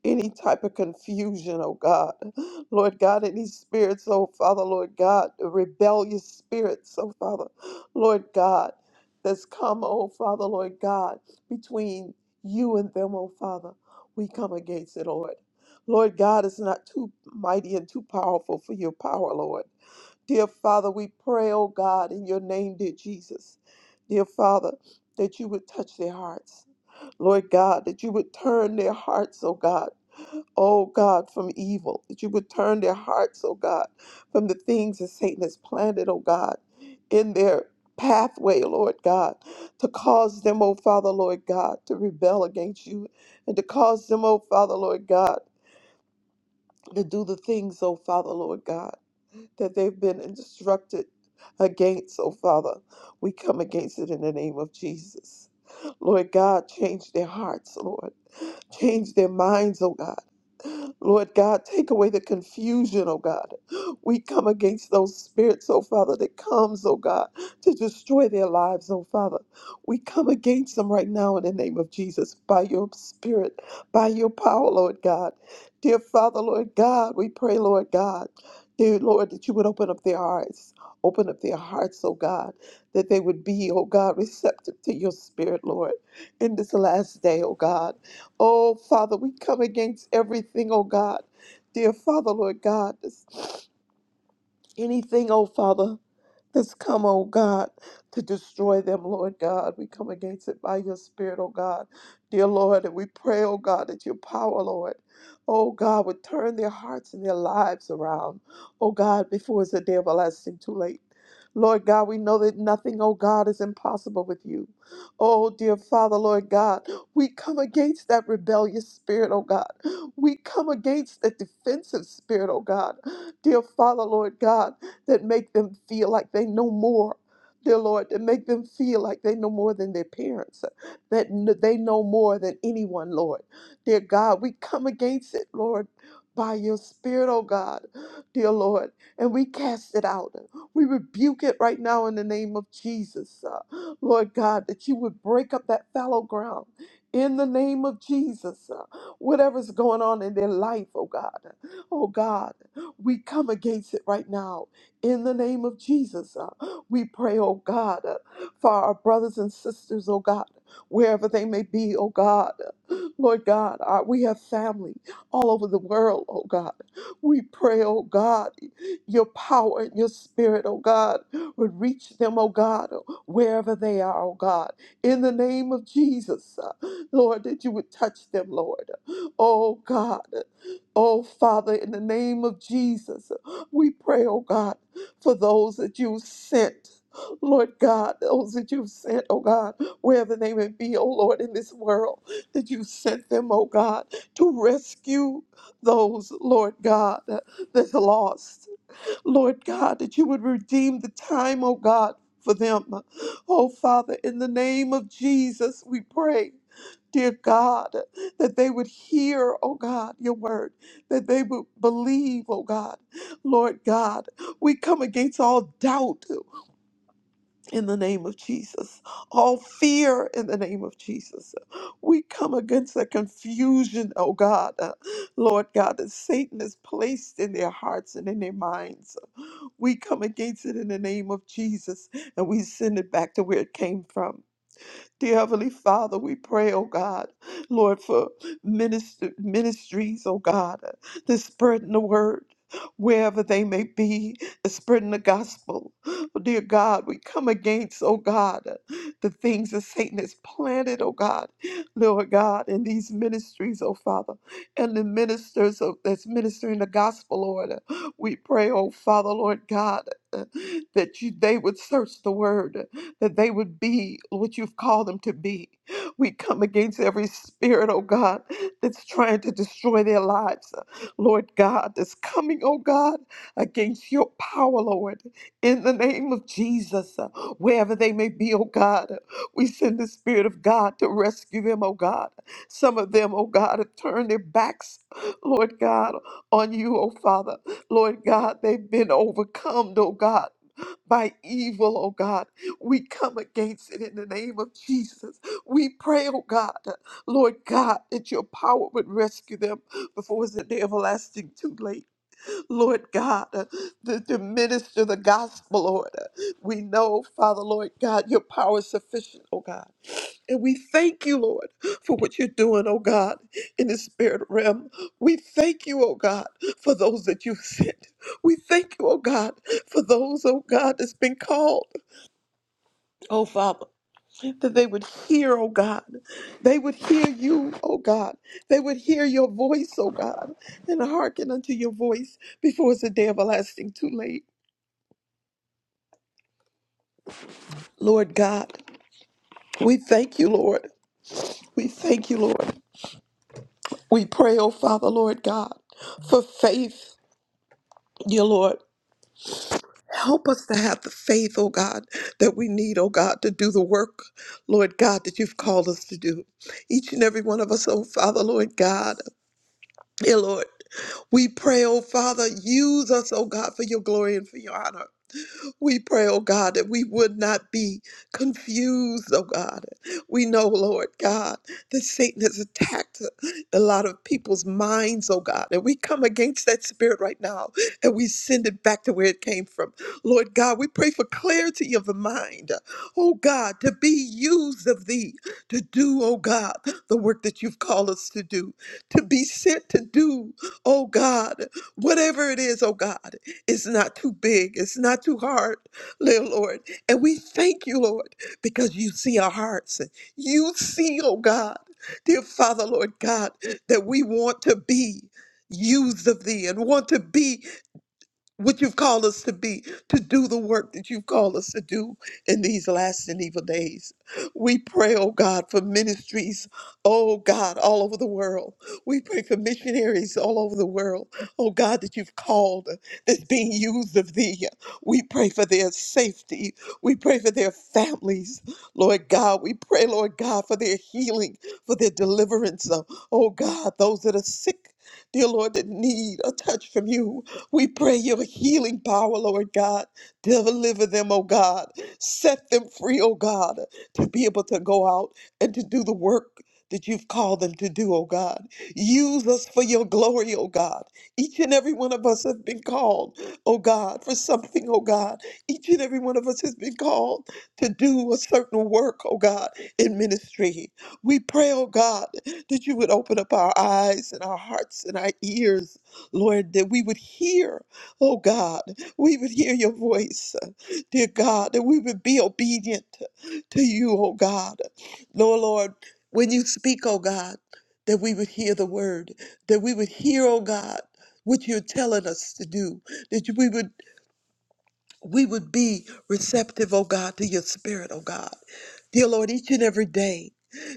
S4: Any type of confusion, oh God. Lord God, any spirits, oh Father, Lord God, the rebellious spirits, oh Father, Lord God, that's come, oh Father, Lord God, between you and them, oh Father. We come against it, Lord. Lord God is not too mighty and too powerful for your power, Lord. Dear Father, we pray, oh God, in your name, dear Jesus. Dear Father, that you would touch their hearts. Lord God, that you would turn their hearts, oh God, oh God, from evil. That you would turn their hearts, oh God, from the things that Satan has planted, oh God, in their pathway, Lord God, to cause them, oh Father, Lord God, to rebel against you and to cause them, oh Father, Lord God, to do the things, oh Father, Lord God that they've been instructed against, oh Father. We come against it in the name of Jesus. Lord God, change their hearts, Lord. Change their minds, oh God. Lord God, take away the confusion, oh God. We come against those spirits, oh Father, that comes, oh God, to destroy their lives, oh Father. We come against them right now in the name of Jesus by your spirit, by your power, Lord God. Dear Father, Lord God, we pray, Lord God, dear Lord, that you would open up their eyes. Open up their hearts, oh God, that they would be, oh God, receptive to your spirit, Lord, in this last day, oh God. Oh, Father, we come against everything, oh God. Dear Father, Lord God, this- anything, oh Father that's come, oh God, to destroy them, Lord God. We come against it by your Spirit, oh God. Dear Lord, and we pray, oh God, that your power, Lord, oh God, would turn their hearts and their lives around, oh God, before it's a day everlasting too late. Lord God, we know that nothing, oh God, is impossible with you. Oh, dear Father, Lord God, we come against that rebellious spirit, oh God. We come against that defensive spirit, oh God. Dear Father, Lord God, that make them feel like they know more, dear Lord, that make them feel like they know more than their parents, uh, that kn- they know more than anyone, Lord. Dear God, we come against it, Lord, by your Spirit, oh God, dear Lord, and we cast it out. We rebuke it right now in the name of Jesus, uh, Lord God, that you would break up that fallow ground. In the name of Jesus, uh, whatever's going on in their life, oh God, oh God, we come against it right now in the name of Jesus, uh, we pray, oh God, uh, for our brothers and sisters, oh God, wherever they may be, oh God. Lord God, uh, we have family all over the world, oh God. We pray, oh God, your power and your spirit, oh God, would reach them, oh God, wherever they are, oh God. In the name of Jesus, uh, Lord, that you would touch them, Lord. Oh God. Oh, Father, in the name of Jesus, we pray, oh God, for those that you sent. Lord God, those that you've sent, oh God, wherever they may be, oh Lord, in this world, that you sent them, oh God, to rescue those, Lord God, that's lost. Lord God, that you would redeem the time, oh God, for them. Oh Father, in the name of Jesus, we pray. Dear God, that they would hear, oh God, your word, that they would believe, oh God. Lord God, we come against all doubt in the name of Jesus, all fear in the name of Jesus. We come against the confusion, oh God, uh, Lord God, that Satan has placed in their hearts and in their minds. We come against it in the name of Jesus and we send it back to where it came from. Dear Heavenly Father, we pray, oh God, Lord, for minister, ministries, oh God, the spreading the word wherever they may be, the spreading the gospel. Oh, dear God, we come against, oh God, the things that Satan has planted, oh God, Lord God, in these ministries, oh Father, and the ministers of, that's ministering the gospel, Lord. We pray, oh Father, Lord God, that you they would search the word that they would be what you've called them to be. We come against every spirit, oh God, that's trying to destroy their lives. uh, Lord God, that's coming, oh God, against your power, Lord, in the name of Jesus, uh, wherever they may be, oh God. We send the Spirit of God to rescue them, oh God. Some of them, oh God, have turned their backs, Lord God, on you, oh Father. Lord God, they've been overcome, oh God by evil, oh God. We come against it in the name of Jesus. We pray, oh God, Lord God, that your power would rescue them before it's an everlasting too late. Lord God, uh, to, to minister the gospel, Lord. Uh, We know, Father, Lord God, your power is sufficient, oh God. And we thank you, Lord, for what you're doing, oh God, in the spirit realm. We thank you, oh God, for those that you've sent. We thank you, oh God, for those, oh God, that's been called, oh Father that they would hear, oh God. They would hear you, oh God. They would hear your voice, oh God, and hearken unto your voice before it's a day everlasting too late. Lord God, we thank you, Lord. We thank you, Lord. We pray, oh Father, Lord God, for faith, dear Lord. Help us to have the faith, oh God, that we need, oh God, to do the work, Lord God, that you've called us to do. Each and every one of us, oh Father, Lord God, dear Lord. We pray, oh Father, use us, oh God, for your glory and for your honor. We pray, oh God, that we would not be confused, oh God. We know, Lord God, that Satan has attacked a lot of people's minds, oh God. And we come against that spirit right now and we send it back to where it came from. Lord God, we pray for clarity of the mind, oh God, to be used of thee, to do, oh God, the work that you've called us to do, to be sent to do, oh God, whatever it is, oh God. It's not too big. It's not too hard, dear Lord. And we thank you, Lord, because you see our hearts. You see, oh God, dear Father, Lord God, that we want to be used of thee and want to be what you've called us to be, to do the work that you've called us to do in these last and evil days. We pray, oh God, for ministries, oh God, all over the world. We pray for missionaries all over the world, oh God, that you've called that's being used of thee. We pray for their safety. We pray for their families, Lord God. We pray, Lord God, for their healing, for their deliverance, oh God, those that are sick, dear Lord, that need a touch from you. We pray your healing power, Lord God. Deliver them, oh God. Set them free, oh God, to be able to go out and to do the work that you've called them to do, oh God. Use us for your glory, oh God. Each and every one of us have been called, oh God, for something, oh God. Each and every one of us has been called to do a certain work, oh God, in ministry. We pray, oh God, that you would open up our eyes and our hearts and our ears Lord, that we would hear, oh God, we would hear your voice, dear God, that we would be obedient to you, oh God. Lord, Lord, when you speak, oh God, that we would hear the word, that we would hear, oh God, what you're telling us to do, that you- we would we would be receptive, oh God, to your spirit, oh God. Dear Lord, each and every day,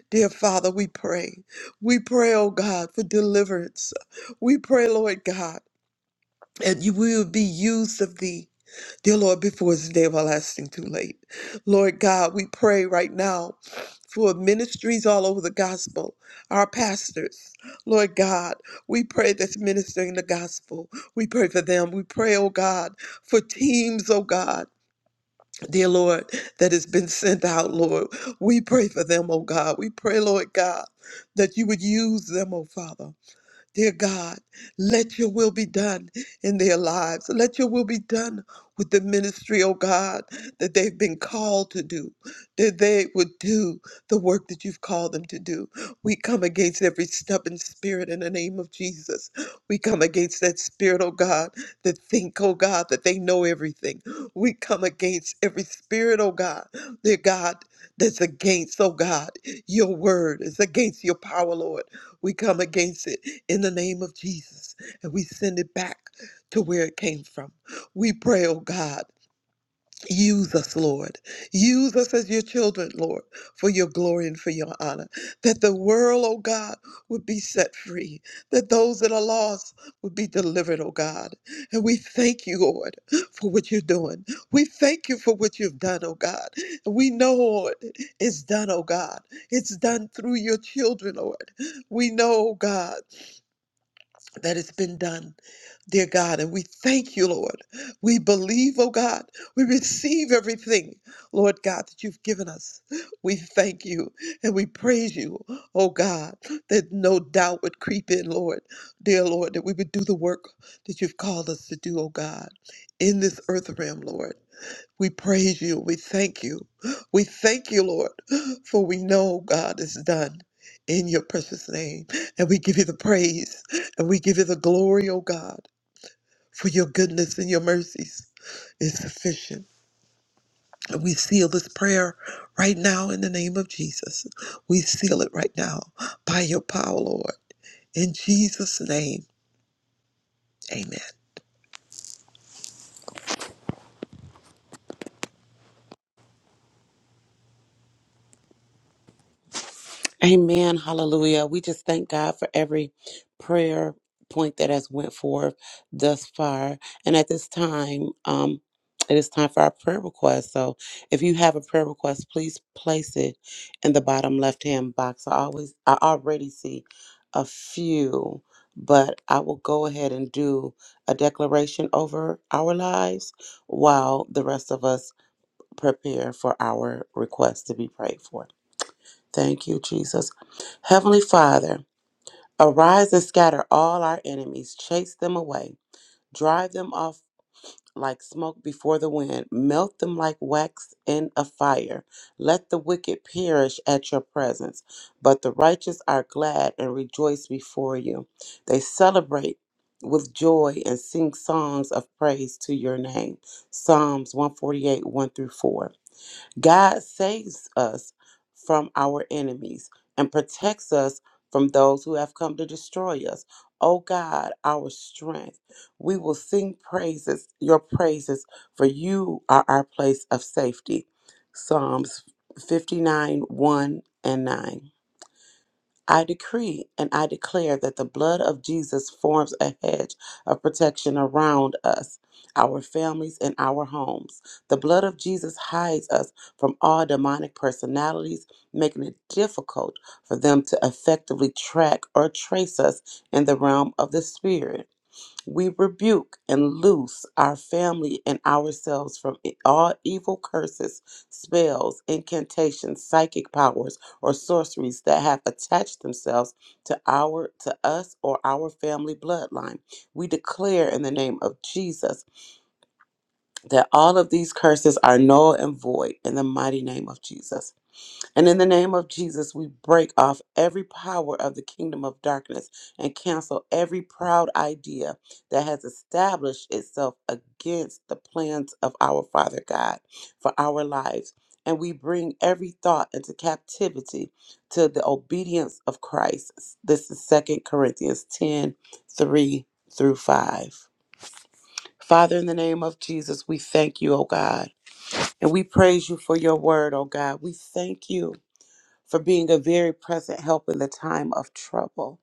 S4: dear Father, we pray. We pray, oh God, for deliverance. We pray, Lord God and you will be used of thee, dear Lord, before it's day of everlasting too late. Lord God, we pray right now for ministries all over the gospel, our pastors. Lord God, we pray that's ministering the gospel. We pray for them. We pray, oh God, for teams, oh God. Dear Lord, that has been sent out, Lord. We pray for them, oh God. We pray, Lord God, that you would use them, oh Father. Dear God, let your will be done in their lives. Let your will be done with the ministry, oh God, that they've been called to do, that they would do the work that you've called them to do. We come against every stubborn spirit in the name of Jesus. We come against that spirit, oh God, that think, oh God, that they know everything. We come against every spirit, oh God, dear God, that's against, oh God, your word. It's against your power, Lord. We come against it in the name of Jesus, and we send it back to where it came from. We pray, oh God, use us, Lord. Use us as your children, Lord, for your glory and for your honor. That the world, oh God, would be set free. That those that are lost would be delivered, oh God. And we thank you, Lord, for what you're doing. We thank you for what you've done, oh God. And we know, Lord, it's done, oh God. It's done through your children, Lord. We know, oh God that has been done, dear God. And we thank you, Lord. We believe, oh God. We receive everything, Lord God, that you've given us. We thank you and we praise you, oh God, that no doubt would creep in, Lord. Dear Lord, that we would do the work that you've called us to do, oh God, in this earth realm, Lord. We praise you. We thank you. We thank you, Lord, for we know God is done in your precious name. And we give you the praise and we give you the glory, O God, for your goodness and your mercies is sufficient. And we seal this prayer right now in the name of Jesus. We seal it right now by your power, Lord. In Jesus' name, amen.
S5: Amen. Hallelujah. We just thank God for every prayer point that has went forth thus far. And at this time, um, it is time for our prayer request. So if you have a prayer request, please place it in the bottom left hand box. I always I already see a few, but I will go ahead and do a declaration over our lives while the rest of us prepare for our request to be prayed for. Thank you, Jesus. Heavenly Father, arise and scatter all our enemies, chase them away, drive them off like smoke before the wind, melt them like wax in a fire. Let the wicked perish at your presence, but the righteous are glad and rejoice before you. They celebrate with joy and sing songs of praise to your name. Psalms 148, 1 through 4. God saves us from our enemies and protects us from those who have come to destroy us. O God, our strength, we will sing praises, your praises, for you are our place of safety. Psalms 59 1 and 9. I decree and I declare that the blood of Jesus forms a hedge of protection around us, our families, and our homes. The blood of Jesus hides us from all demonic personalities, making it difficult for them to effectively track or trace us in the realm of the spirit. We rebuke and loose our family and ourselves from i- all evil curses, spells, incantations, psychic powers, or sorceries that have attached themselves to our to us or our family bloodline. We declare in the name of Jesus that all of these curses are null and void in the mighty name of Jesus. And in the name of Jesus, we break off every power of the kingdom of darkness and cancel every proud idea that has established itself against the plans of our Father God for our lives. And we bring every thought into captivity to the obedience of Christ. This is Second Corinthians 10 3 through 5. Father, in the name of Jesus, we thank you, O God, and we praise you for your word, O God. We thank you for being a very present help in the time of trouble.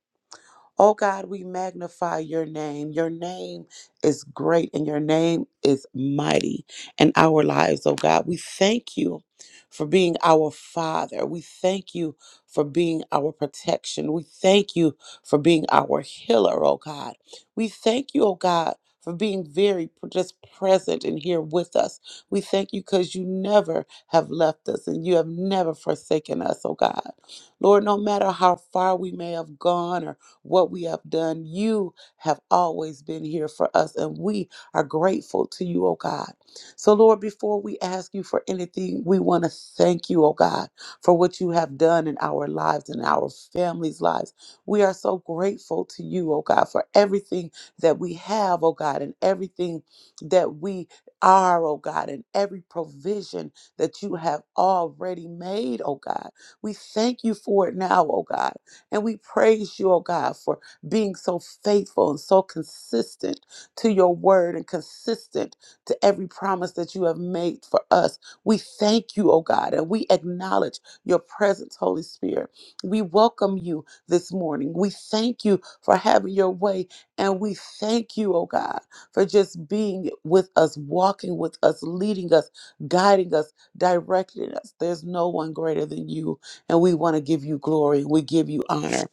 S5: Oh God, we magnify your name. Your name is great and your name is mighty in our lives, oh God. We thank you for being our Father. We thank you for being our protection. We thank you for being our healer, oh God. We thank you, oh God. For being very p- just present and here with us. We thank you because you never have left us and you have never forsaken us, oh God. Lord, no matter how far we may have gone or what we have done. You have always been here for us, and we are grateful to you, oh God. So, Lord, before we ask you for anything, we want to thank you, oh God, for what you have done in our lives and our families' lives. We are so grateful to you, oh God, for everything that we have, oh God, and everything that we are, oh God, and every provision that you have already made, oh God. We thank you for it now, oh God. And we praise you, oh God, for being so faithful and so consistent to your word and consistent to every promise that you have made for us. We thank you, oh God, and we acknowledge your presence, Holy Spirit. We welcome you this morning. We thank you for having your way, and we thank you, oh God, for just being with us, walking with us, leading us, guiding us, directing us. There's no one greater than you. And we want to give you glory. We give you honor.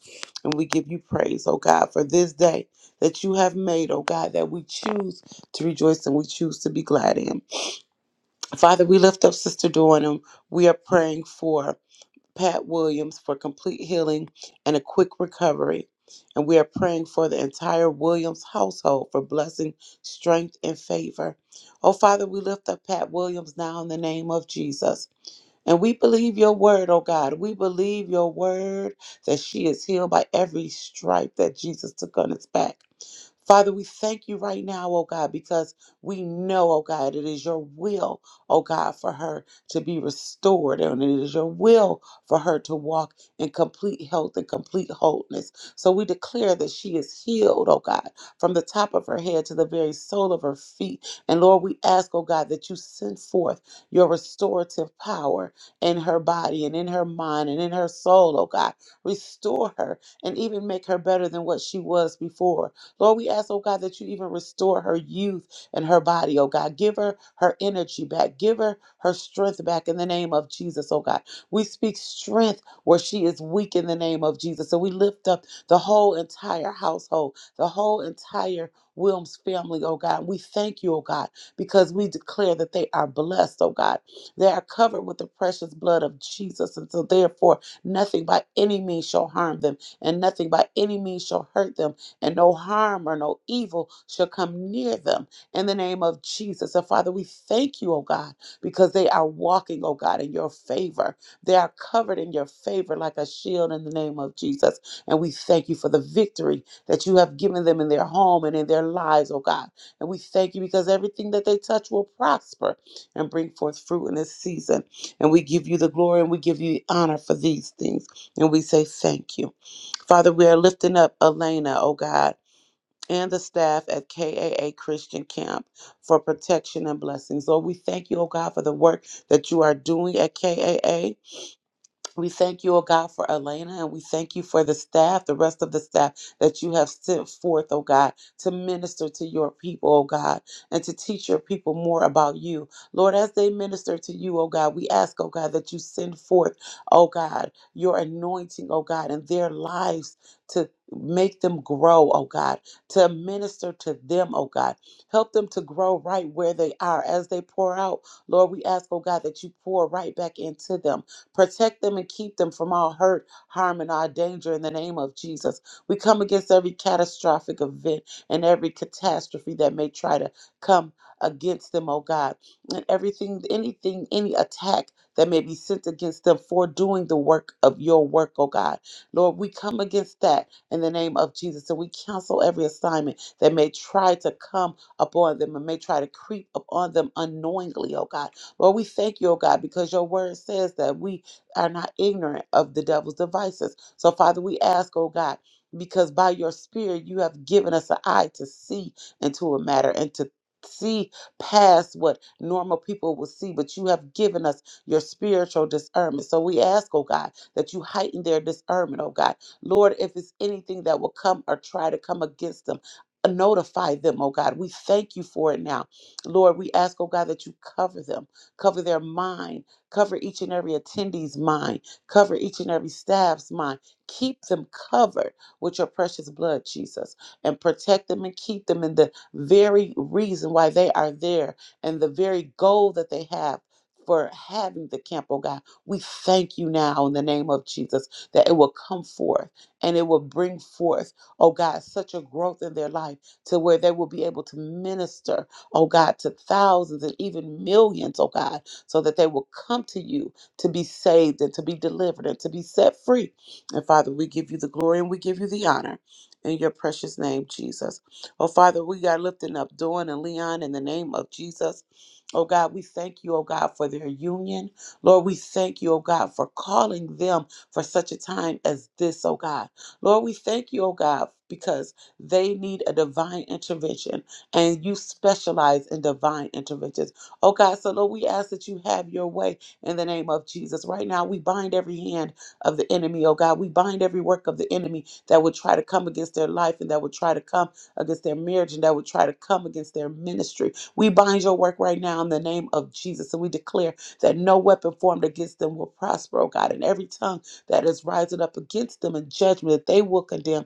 S5: And we give you praise, oh God, for this day that you have made, oh God, that we choose to rejoice and we choose to be glad in. Father, we lift up Sister Dawn and we are praying for Pat Williams for complete healing and a quick recovery. And we are praying for the entire Williams household for blessing, strength, and favor. Oh, Father, we lift up Pat Williams now in the name of Jesus. And we believe your word, oh God. We believe your word that she is healed by every stripe that Jesus took on his back. Father, we thank you right now, oh God, because we know, oh God, it is your will, oh God, for her to be restored. And it is your will for her to walk in complete health and complete wholeness. So we declare that she is healed, oh God, from the top of her head to the very sole of her feet. And Lord, we ask, oh God, that you send forth your restorative power in her body and in her mind and in her soul, oh God. Restore her and even make her better than what she was before. Lord, we ask, oh God, that you even restore her youth and her body, oh God. Give her her energy back. Give her her strength back in the name of Jesus, oh God. We speak strength where she is weak in the name of Jesus. So we lift up the whole entire household, the whole entire Wilms family, oh God. We thank you, oh God, because we declare that they are blessed, oh God. They are covered with the precious blood of Jesus. And so, therefore, nothing by any means shall harm them, and nothing by any means shall hurt them and no harm or no evil shall come near them in the name of Jesus. So, Father, we thank you, oh God, because they are walking, oh God, in your favor. They are covered in your favor like a shield in the name of Jesus. And we thank you for the victory that you have given them in their home and in their lives, oh God. And we thank you because everything that they touch will prosper and bring forth fruit in this season. And we give you the glory and we give you the honor for these things. And we say thank you. Father, we are lifting up Elena, oh God and the staff at KAA Christian Camp for protection and blessings. Lord, we thank you, oh God, for the work that you are doing at KAA. We thank you, O God, for Elena, and we thank you for the staff, the rest of the staff that you have sent forth, O God, to minister to your people, O God, and to teach your people more about you. Lord, as they minister to you, O God, we ask, O God, that you send forth, O God, your anointing, O God, in their lives to make them grow, O God, to minister to them, O God. Help them to grow right where they are as they pour out. Lord, we ask, O God, that you pour right back into them Protect them and keep them from all hurt, harm, and all danger in the name of Jesus. We come against every catastrophic event and every catastrophe that may try to come against them, oh God. And everything, anything, any attack that may be sent against them for doing the work of your work, oh God. Lord, we come against that in the name of Jesus. And we cancel every assignment that may try to come upon them and may try to creep upon them unknowingly, oh God. Lord, we thank you, oh God, because your word says that we are not ignorant of the devil's devices. So, Father, we ask, oh God, because by your spirit you have given us an eye to see into a matter and to see past what normal people will see, but you have given us your spiritual discernment. So we ask, oh God, that you heighten their discernment, oh God. Lord, if it's anything that will come or try to come against them, notify them, oh God. We thank you for it now. Lord, we ask, oh God, that you cover them, cover their mind, Cover each and every attendee's mind. Cover each and every staff's mind. Keep them covered with your precious blood, Jesus, and protect them and keep them in the very reason why they are there and the very goal that they have for having the camp, oh God. We thank you now in the name of Jesus that it will come forth and it will bring forth, oh God, such a growth in their life to where they will be able to minister, oh God, to thousands and even millions, oh God, so that they will come to you to be saved and to be delivered and to be set free. And Father, we give you the glory and we give you the honor in your precious name, Jesus. Oh, Father, we are lifting up Dawn and Leon in the name of Jesus. Oh God, we thank you, oh God, for their union. Lord, we thank you, oh God, for calling them for such a time as this, oh God. Lord, we thank you, oh God, because they need a divine intervention and you specialize in divine interventions. Oh God, so Lord, we ask that you have your way in the name of Jesus. Right now, we bind every hand of the enemy, oh God. We bind every work of the enemy that would try to come against their life and that would try to come against their marriage and that would try to come against their ministry. We bind your work right now in the name of Jesus and we declare that no weapon formed against them will prosper, oh God, and every tongue that is rising up against them in judgment that they will condemn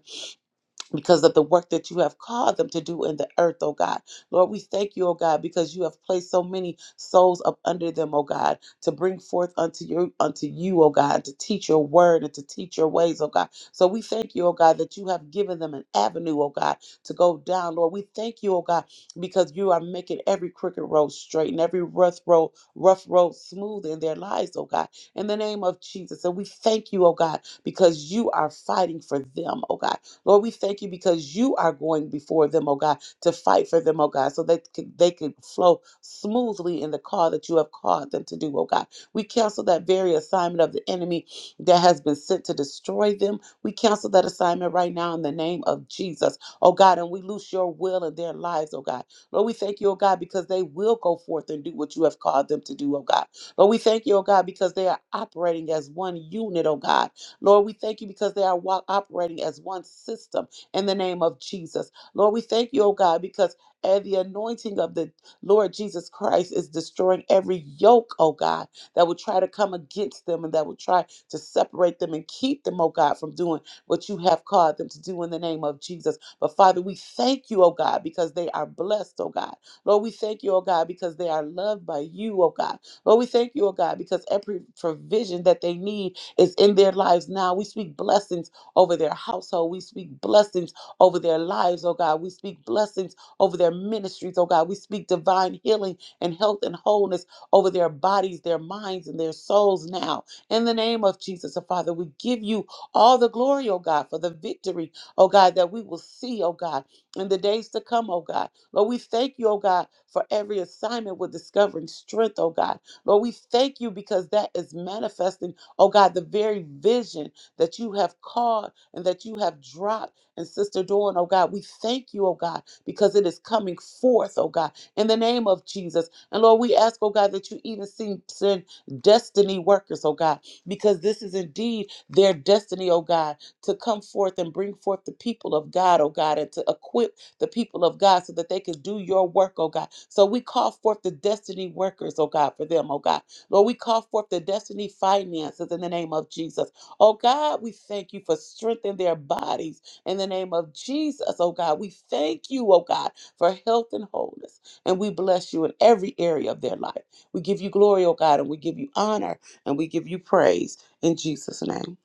S5: because of the work that you have called them to do in the earth, oh God. Lord, we thank you, oh God, because you have placed so many souls up under them, oh God, to bring forth unto you, unto you, oh God, to teach your word and to teach your ways, oh God. So we thank you, oh God, that you have given them an avenue, oh God, to go down. Lord, we thank you, oh God, because you are making every crooked road straight and every rough road, rough road smooth in their lives, oh God. In the name of Jesus. And we thank you, oh God, because you are fighting for them, oh God. Lord, we thank you because you are going before them, oh God, to fight for them, oh God, so that c- they could flow smoothly in the call that you have called them to do, oh God. We cancel that very assignment of the enemy that has been sent to destroy them. We cancel that assignment right now in the name of Jesus, oh God, and we loose your will in their lives, oh God. Lord, we thank you, oh God, because they will go forth and do what you have called them to do, oh God. Lord, we thank you, oh God, because they are operating as one unit, oh God Lord, we thank you because they are wa- operating as one system in the name of Jesus. Lord, we thank you, oh God, because and the anointing of the Lord Jesus Christ is destroying every yoke, oh God, that would try to come against them and that would try to separate them and keep them, oh God, from doing what you have called them to do in the name of Jesus. But Father, we thank you, oh God, because they are blessed, oh God. Lord, we thank you, oh God, because they are loved by you, oh God. Lord, we thank you, oh God, because every provision that they need is in their lives now. We speak blessings over their household. We speak blessings over their lives, oh God. We speak blessings over their ministries, oh God. We speak divine healing and health and wholeness over their bodies, their minds, and their souls now. In the name of Jesus, oh Father, we give you all the glory, oh God, for the victory, oh God, that we will see, oh God, in the days to come, oh God. Lord, we thank you, oh God, for every assignment with discovering strength, oh God. Lord, we thank you because that is manifesting Oh God, the very vision that you have called and that you have dropped in Sister Dawn, oh God, we thank you, oh God, because it is coming forth, oh God, in the name of Jesus. And Lord, we ask, oh God, that you even see- send destiny workers, oh God, because this is indeed their destiny, oh God, to come forth and bring forth the people of God, oh God, and to equip the people of God so that they can do your work, oh God. So we call forth the destiny workers, oh God, for them, oh God. Lord, we call forth the destiny finances in the name of Jesus. Oh God, we thank you for strengthening their bodies in the name of Jesus. Oh God, we thank you, oh God, for health and wholeness. And we bless you in every area of their life. We give you glory, oh God, and we give you honor and we give you praise in Jesus' name.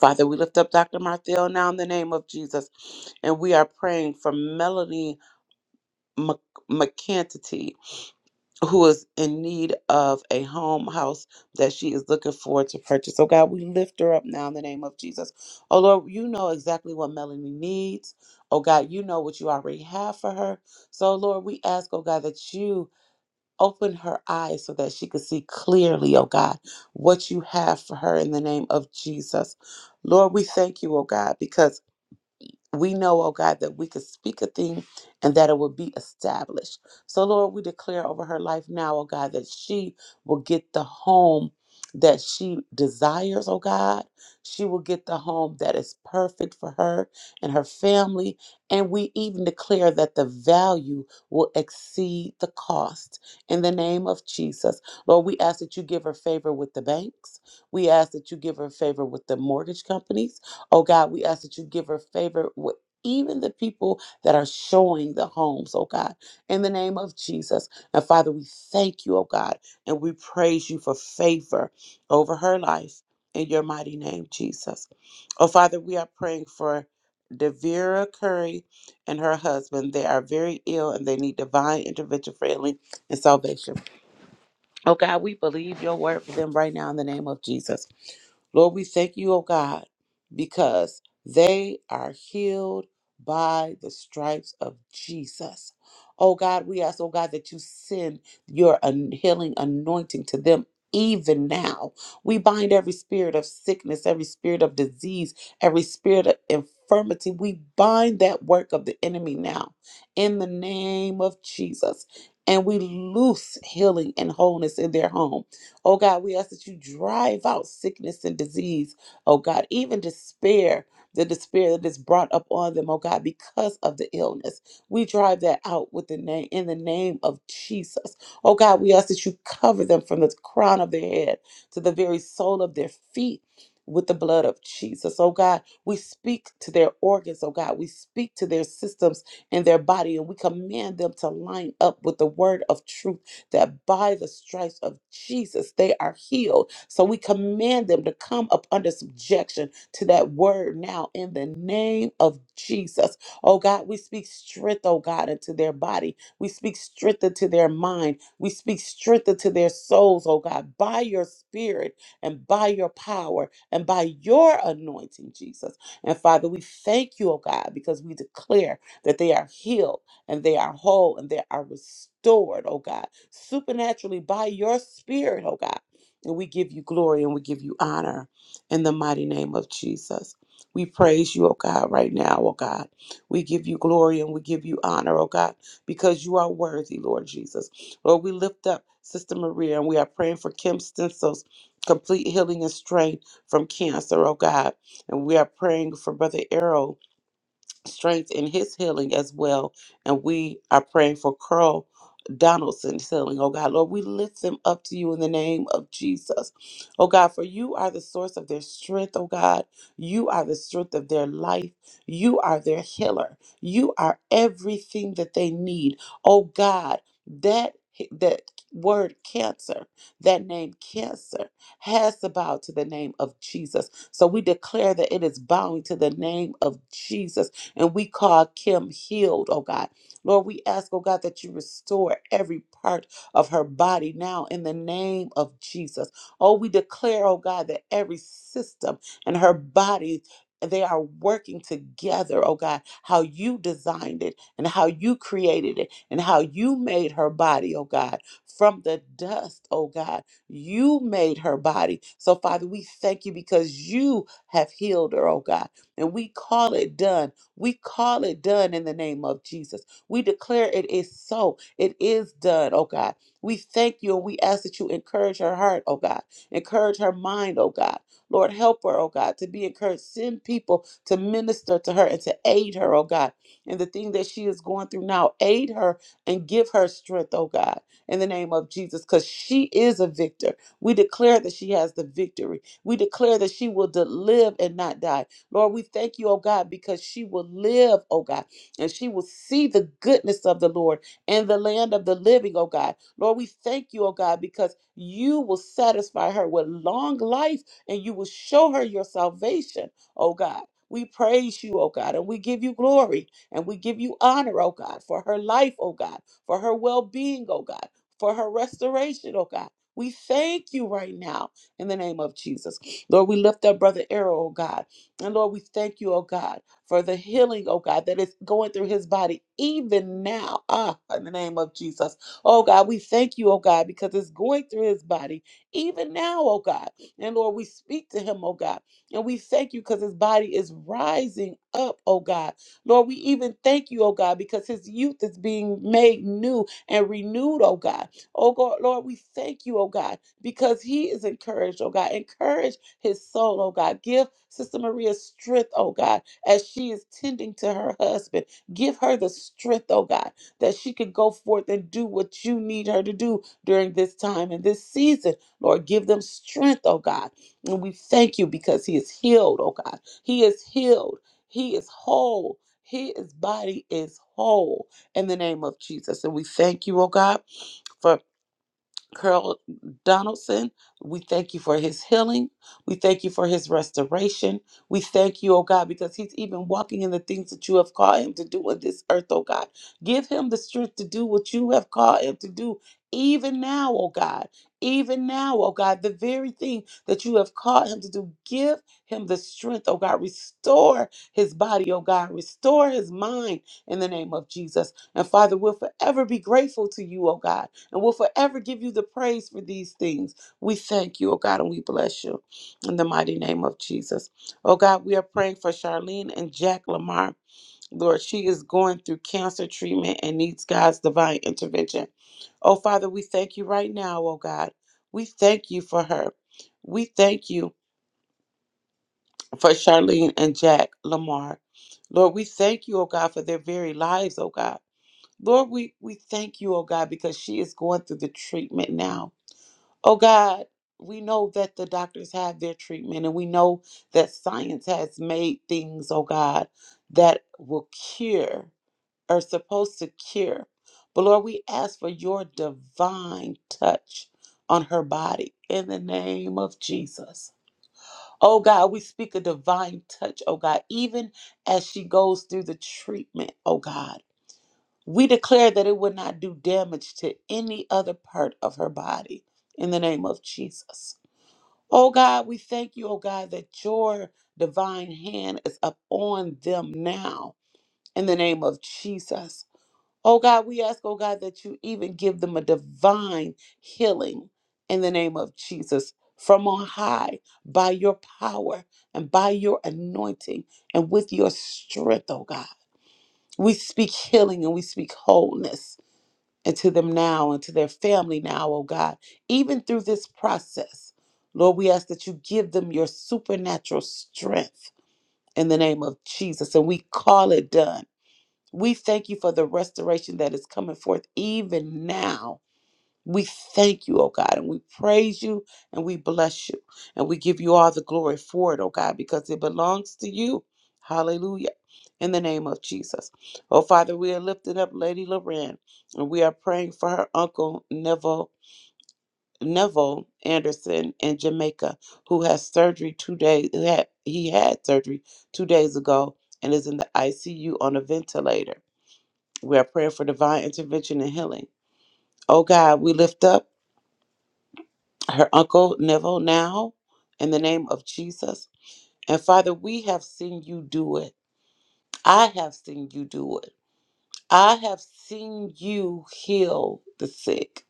S5: Father, we lift up Dr. Marthel now in the name of Jesus. And we are praying for Melanie Mc- McCantity who is in need of a home house that she is looking for to purchase. So God, we lift her up now in the name of Jesus. Oh Lord, you know exactly what Melanie needs. Oh God, you know what you already have for her. So Lord, we ask, oh God, that you open her eyes so that she can see clearly, oh God, what you have for her in the name of Jesus. Lord, we thank you, oh God, because we know, oh God, that we could speak a thing and that it will be established. So, Lord, we declare over her life now, oh God, that she will get the home that she desires, oh God. She will get the home that is perfect for her and her family. And we even declare that the value will exceed the cost. In the name of Jesus, Lord, we ask that you give her favor with the banks. We ask that you give her favor with the mortgage companies. Oh God, we ask that you give her favor with even the people that are showing the homes, oh God, in the name of Jesus. And Father, we thank you, oh God, and we praise you for favor over her life in your mighty name, Jesus. Oh Father, we are praying for Devera Curry and her husband. They are very ill and they need divine intervention for healing and salvation. Oh God, we believe your word for them right now in the name of Jesus. Lord, we thank you, oh God, because they are healed by the stripes of Jesus. Oh God, we ask, oh God, that you send your an- healing anointing to them. Even now, we bind every spirit of sickness, every spirit of disease, every spirit of infirmity. We bind that work of the enemy now in the name of Jesus. And we loose healing and wholeness in their home Oh God, we ask that you drive out sickness and disease. Oh God, even despair, the despair that is brought up on them, oh God, because of the illness. We drive that out with the name in the name of Jesus. Oh God, we ask that you cover them from the crown of their head to the very sole of their feet. With the blood of Jesus. Oh God, we speak to their organs. Oh God, we speak to their systems and their body, and we command them to line up with the word of truth that by the stripes of Jesus they are healed. So we command them to come up under subjection to that word now in the name of Jesus. Oh God, we speak strength, oh God, into their body. We speak strength into their mind. We speak strength into their souls, oh God, by your spirit and by your power and by your anointing, Jesus. And Father, we thank you, oh God, because we declare that they are healed and they are whole and they are restored, oh God, supernaturally by your spirit, oh God. And we give you glory and we give you honor in the mighty name of Jesus. We praise you, oh God, right now, oh God. We give you glory and we give you honor, oh God, because you are worthy, Lord Jesus. Lord, we lift up Sister Maria and we are praying for Kim Stencil's complete healing and strength from cancer, oh God. And we are praying for Brother Errol strength in his healing as well. And we are praying for Carl Donaldson's healing, oh God. Lord, we lift them up to you in the name of Jesus. Oh God, for you are the source of their strength, oh God. You are the strength of their life. You are their healer. You are everything that they need. Oh God, that that word cancer, that name cancer, has to bow to the name of Jesus. So we declare that it is bowing to the name of Jesus and we call Kim healed, oh God. Lord, we ask, oh God, that you restore every part of her body now in the name of Jesus. Oh, we declare, oh God, that every system in her body. They are working together, oh God, how you designed it and how you created it and how you made her body, oh God, from the dust, oh God. You made her body. So, Father, we thank you because you have healed her, oh God. And we call it done we call it done in the name of Jesus. We declare it is so. It is done, oh God. We thank you and we ask that you encourage her heart, oh God. Encourage her mind, oh God. Lord, help her, oh God, to be encouraged. Send people to minister to her and to aid her, oh God. And the thing that she is going through now, aid her and give her strength, oh God, in the name of Jesus, because she is a victor. We declare that she has the victory. We declare that she will de- live and not die. Lord, we thank you, oh God, because she will live, oh God, and she will see the goodness of the Lord and the land of the living, oh God. Lord, we thank you, oh God, because you will satisfy her with long life and you will show her your salvation, oh God. We praise you, oh God, and we give you glory and we give you honor, oh God, for her life, oh God, for her well being, oh God, for her restoration, oh God. We thank you right now in the name of Jesus. Lord, we lift up Brother Errol, oh God. And Lord, we thank you, oh God, for the healing, oh God, that is going through his body even now. Ah, in the name of Jesus. Oh God, we thank you, oh God, because it's going through his body even now, oh God. And Lord, we speak to him, oh God. And we thank you because his body is rising up, oh God. Lord, we even thank you, oh God, because his youth is being made new and renewed, oh God. Oh God, Lord, we thank you, oh God, because he is encouraged, oh God. Encourage his soul, oh God. Give Sister Maria strength, oh God, as she is tending to her husband. Give her the strength, oh God, that she could go forth and do what you need her to do during this time and this season. Lord, give them strength, oh God. And we thank you because he is healed, oh God. He is healed. He is whole. His body is whole in the name of Jesus. And we thank you, oh God, for Carl Donaldson. We thank you for his healing. We thank you for his restoration. We thank you, oh God, because he's even walking in the things that you have called him to do on this earth, oh God. Give him the strength to do what you have called him to do, even now, oh God. Even now, oh God, the very thing that you have called him to do, give him the strength, oh God. Restore his body, oh God. Restore his mind in the name of Jesus. And Father, we'll forever be grateful to you, oh God, and we'll forever give you the praise for these things. We thank you, oh God, and we bless you in the mighty name of Jesus. Oh God, we are praying for Charlene and Jack Lamar. Lord, she is going through cancer treatment and needs God's divine intervention. Oh Father, we thank you right now, oh God. We thank you for her. We thank you for Charlene and Jack Lamar. Lord, we thank you, oh God, for their very lives, oh God. Lord, we, we thank you, oh God, because she is going through the treatment now. Oh God, we know that the doctors have their treatment and we know that science has made things, oh God, that will cure or supposed to cure. But Lord, we ask for your divine touch on her body in the name of Jesus. Oh God, we speak a divine touch, oh God, even as she goes through the treatment, oh God. We declare that it would not do damage to any other part of her body in the name of Jesus. Oh God, we thank you, oh God, that your divine hand is upon them now in the name of Jesus. Oh God, we ask, oh God, that you even give them a divine healing in the name of Jesus from on high by your power and by your anointing and with your strength, oh God. We speak healing and we speak wholeness and to them now and to their family now, oh God, even through this process. Lord, we ask that you give them your supernatural strength in the name of Jesus, and we call it done. We thank you for the restoration that is coming forth even now we thank you, oh God, and we praise you and we bless you and we give you all the glory for it, oh God, because it belongs to you. Hallelujah. In the name of Jesus. Oh Father, we are lifting up Lady Loran and we are praying for her uncle Neville Neville Anderson in Jamaica, who has surgery two days who had he had surgery two days ago and is in the ICU on a ventilator. We are praying for divine intervention and healing. Oh God, we lift up. her uncle Neville now in the name of Jesus. And Father, we have seen you do it. I have seen you do it. I have seen you heal the sick.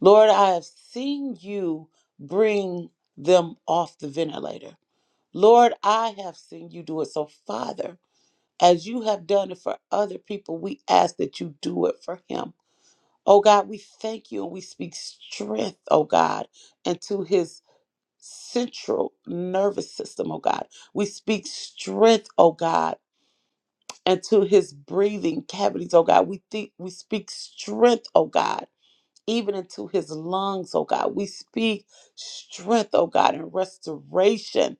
S5: Lord, I have seen you bring them off the ventilator. Lord, I have seen you do it. So, Father, as you have done it for other people, we ask that you do it for him. Oh God, we thank you and we speak strength, oh God, into his central nervous system, oh God. We speak strength, oh God, and to his breathing cavities, oh God. We think we speak strength, oh God even into his lungs, oh God. We speak strength, oh God, and restoration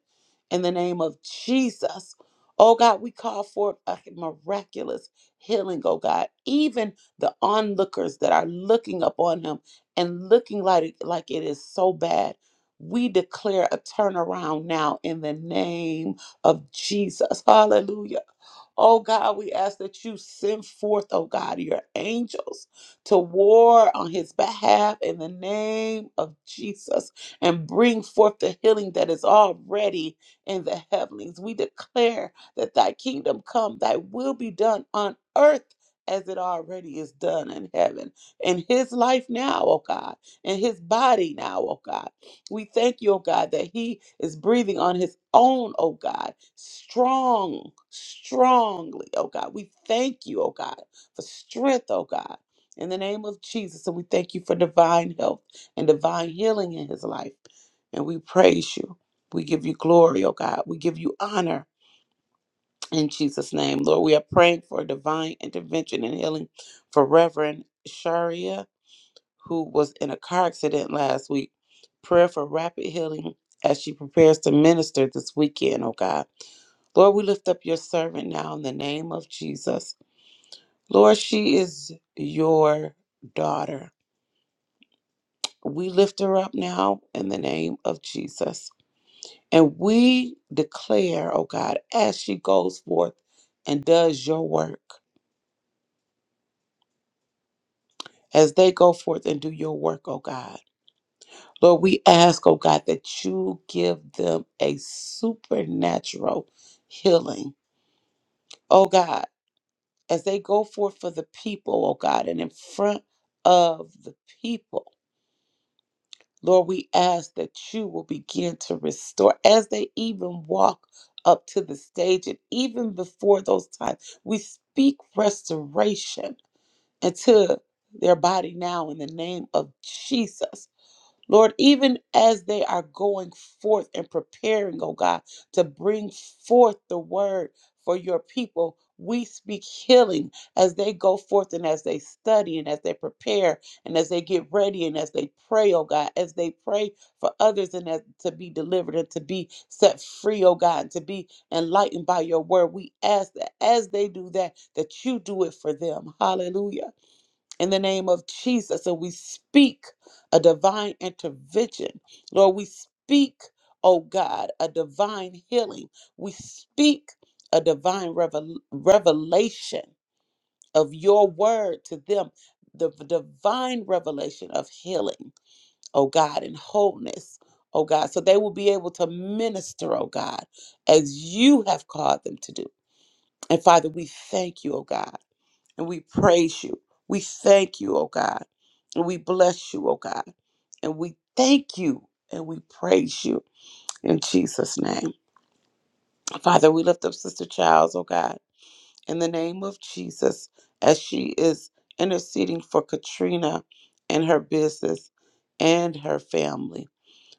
S5: in the name of Jesus. Oh God, we call forth a miraculous healing, oh God. Even the onlookers that are looking upon him and looking like it, like it is so bad, we declare a turnaround now in the name of Jesus. Hallelujah. Oh God, we ask that you send forth, oh God, your angels to war on his behalf in the name of Jesus and bring forth the healing that is already in the heavenlies. We declare that thy kingdom come, thy will be done on earth as it already is done in heaven. In his life now, oh God, in his body now, oh God. We thank you, oh God, that he is breathing on his own, oh God, strong, strongly, oh God. We thank you, oh God, for strength, oh God, in the name of Jesus. And we thank you for divine health and divine healing in his life. And we praise you. We give you glory, oh God. We give you honor in Jesus' name. Lord, we are praying for divine intervention and healing for Reverend Sharia who was in a car accident last week. Prayer for rapid healing as she prepares to minister this weekend, oh God. Lord, we lift up your servant now in the name of Jesus. Lord, she is your daughter. We lift her up now in the name of Jesus. And we declare, oh God, as she goes forth and does your work, as they go forth and do your work, oh God. Lord, we ask, oh God, that you give them a supernatural healing. Oh God, as they go forth for the people, oh God, and in front of the people, Lord, we ask that you will begin to restore as they even walk up to the stage and even before those times. We speak restoration into their body now in the name of Jesus. Lord, even as they are going forth and preparing, oh God, to bring forth the word for your people, we speak healing as they go forth and as they study and as they prepare and as they get ready and as they pray, oh God, as they pray for others and as to be delivered and to be set free, oh God, and to be enlightened by your word. We ask that as they do that, that you do it for them. Hallelujah in the name of Jesus. And we speak a divine intervention. Lord, we speak, oh God, a divine healing. We speak a divine revel- revelation of your word to them, the v- divine revelation of healing, oh God, and wholeness. Oh God, so they will be able to minister, oh God, as you have called them to do. And Father, we thank you, oh God. And we praise you. We thank you, oh God. And we bless you, oh God. And we thank you and we praise you in Jesus' name. Father, we lift up Sister Childs, oh God, in the name of Jesus, as she is interceding for Katrina and her business and her family.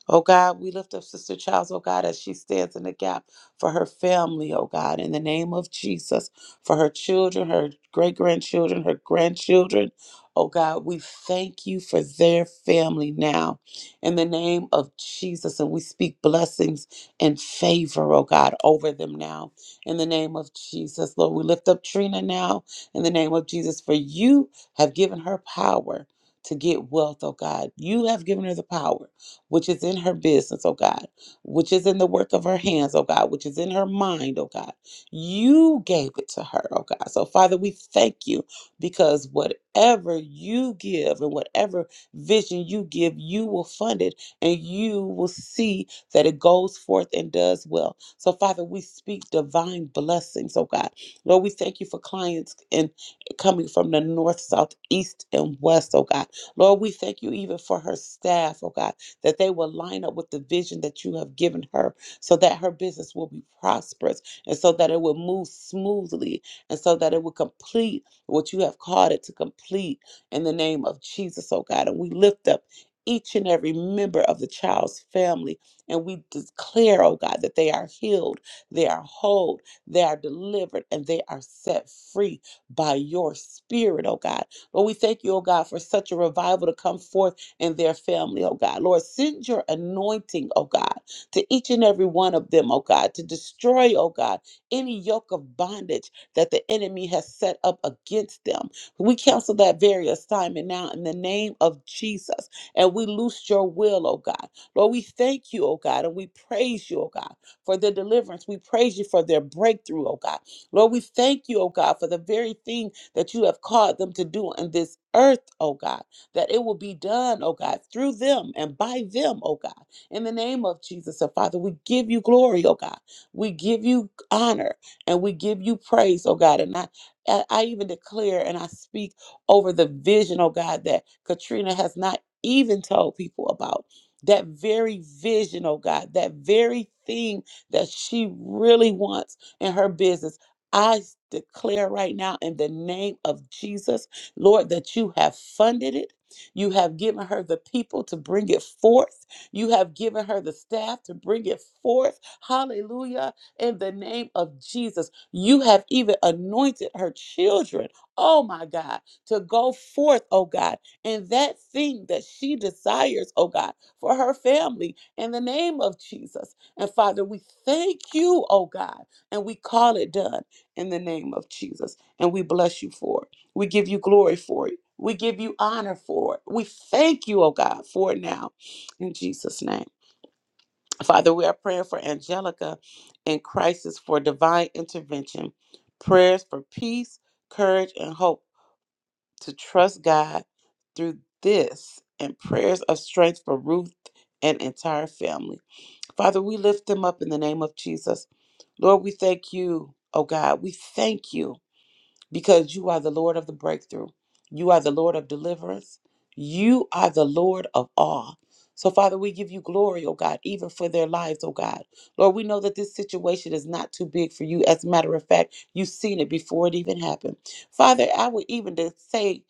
S5: Oh God, we lift up Sister Childs, oh God, as she stands in the gap for her family, oh God, in the name of Jesus, for her children, her great grandchildren, her grandchildren. Oh God, we thank you for their family now in the name of Jesus. And we speak blessings and favor, oh God, over them now in the name of Jesus. Lord, we lift up Trina now in the name of Jesus, for you have given her power to get wealth, oh God. You have given her the power which is in her business, oh God, which is in the work of her hands, oh God, which is in her mind, oh God. You gave it to her, oh God. So, Father, we thank you because whatever you give and whatever vision you give, you will fund it and you will see that it goes forth and does well. So, Father, we speak divine blessings, oh God. Lord, we thank you for clients and coming from the north, south, east, and west, oh God. Lord, we thank you even for her staff, oh God that they will line up with the vision that you have given her so that her business will be prosperous and so that it will move smoothly and so that it will complete what you have called it to complete in the name of Jesus, oh God. And we lift up each and every member of the child's family and we declare, oh God, that they are healed, they are whole, they are delivered, and they are set free by your spirit, oh God. But we thank you, oh God, for such a revival to come forth and their family, oh God. Lord, send your anointing, oh God, to each and every one of them, oh God, to destroy, oh God, any yoke of bondage that the enemy has set up against them. We cancel that very assignment now in the name of Jesus, and we loose your will, oh God. Lord, we thank you, oh God, and we praise you, oh God, for their deliverance. We praise you for their breakthrough, oh God. Lord, we thank you, oh God, for the very thing that you have called them to do in this earth, oh God that it will be done, oh God, through them and by them, oh God. In the name of Jesus, oh Father, we give you glory, oh God. We give you honor and we give you praise, oh God. And I, I I even declare and I speak over the vision, oh God, that Katrina has not even told people about. That very vision, oh God, that very thing that she really wants in her business. I declare right now in the name of Jesus, Lord, that you have funded it you have given her the people to bring it forth. You have given her the staff to bring it forth. Hallelujah. In the name of Jesus, you have even anointed her children, oh my God, to go forth, oh God, in that thing that she desires, oh God, for her family in the name of Jesus. And Father, we thank you, oh God, and we call it done in the name of Jesus. And we bless you for it. We give you glory for it. We give you honor for it. We thank you, oh God, for it now. In Jesus' name. Father, we are praying for Angelica in crisis for divine intervention, prayers for peace, courage, and hope to trust God through this, and prayers of strength for Ruth and entire family. Father, we lift them up in the name of Jesus. Lord, we thank you, oh God. We thank you because you are the Lord of the breakthrough. You are the Lord of deliverance. You are the Lord of all. So, Father, we give you glory, oh God, even for their lives, oh God. Lord, we know that this situation is not too big for you. As a matter of fact, you've seen it before it even happened. Father, I would even to say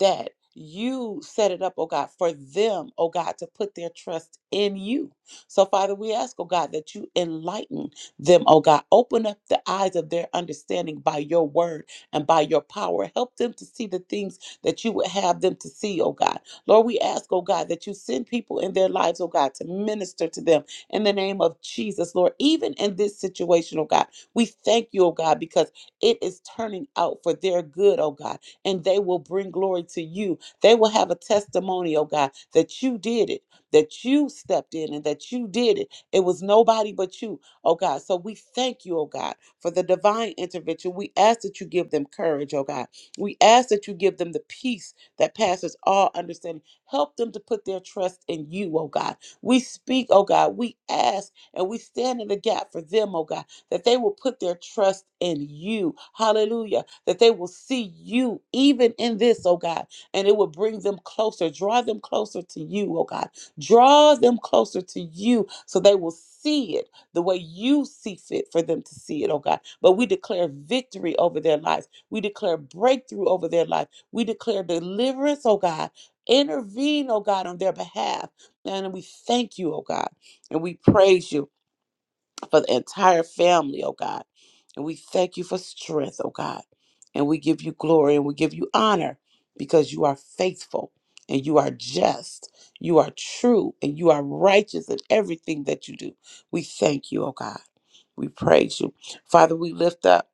S5: that you set it up, oh God, for them, oh God, to put their trust in you. So, Father, we ask, oh God, that you enlighten them, oh God. Open up the eyes of their understanding by your word and by your power. Help them to see the things that you would have them to see, oh God. Lord, we ask, oh God, that you send people in their lives, oh God, to minister to them in the name of Jesus, Lord. Even in this situation, oh God, we thank you, oh God, because it is turning out for their good, oh God, and they will bring glory to you. They will have a testimony, oh God, that you did it, that you stepped in and that you did it. It was nobody but you oh God. So we thank you, oh God, for the divine intervention. We ask that you give them courage, oh God. We ask that you give them the peace that passes all understanding. Help them to put their trust in you, oh God. We speak, oh God. We ask and we stand in the gap for them, oh God, that they will put their trust in you. Hallelujah. That they will see you even in this, oh God, and it will bring them closer. Draw them closer to you, oh God. Draw them closer to you so they will see it the way you see fit for them to see it, oh God. But we declare victory over their lives. We declare breakthrough over their life. We declare deliverance, oh God. Intervene, oh God, on their behalf. And we thank you, oh God. And we praise you for the entire family, oh God. And we thank you for strength, oh God. And we give you glory and we give you honor because you are faithful and you are just, you are true, and you are righteous in everything that you do. We thank you, oh God. We praise you. Father, we lift up.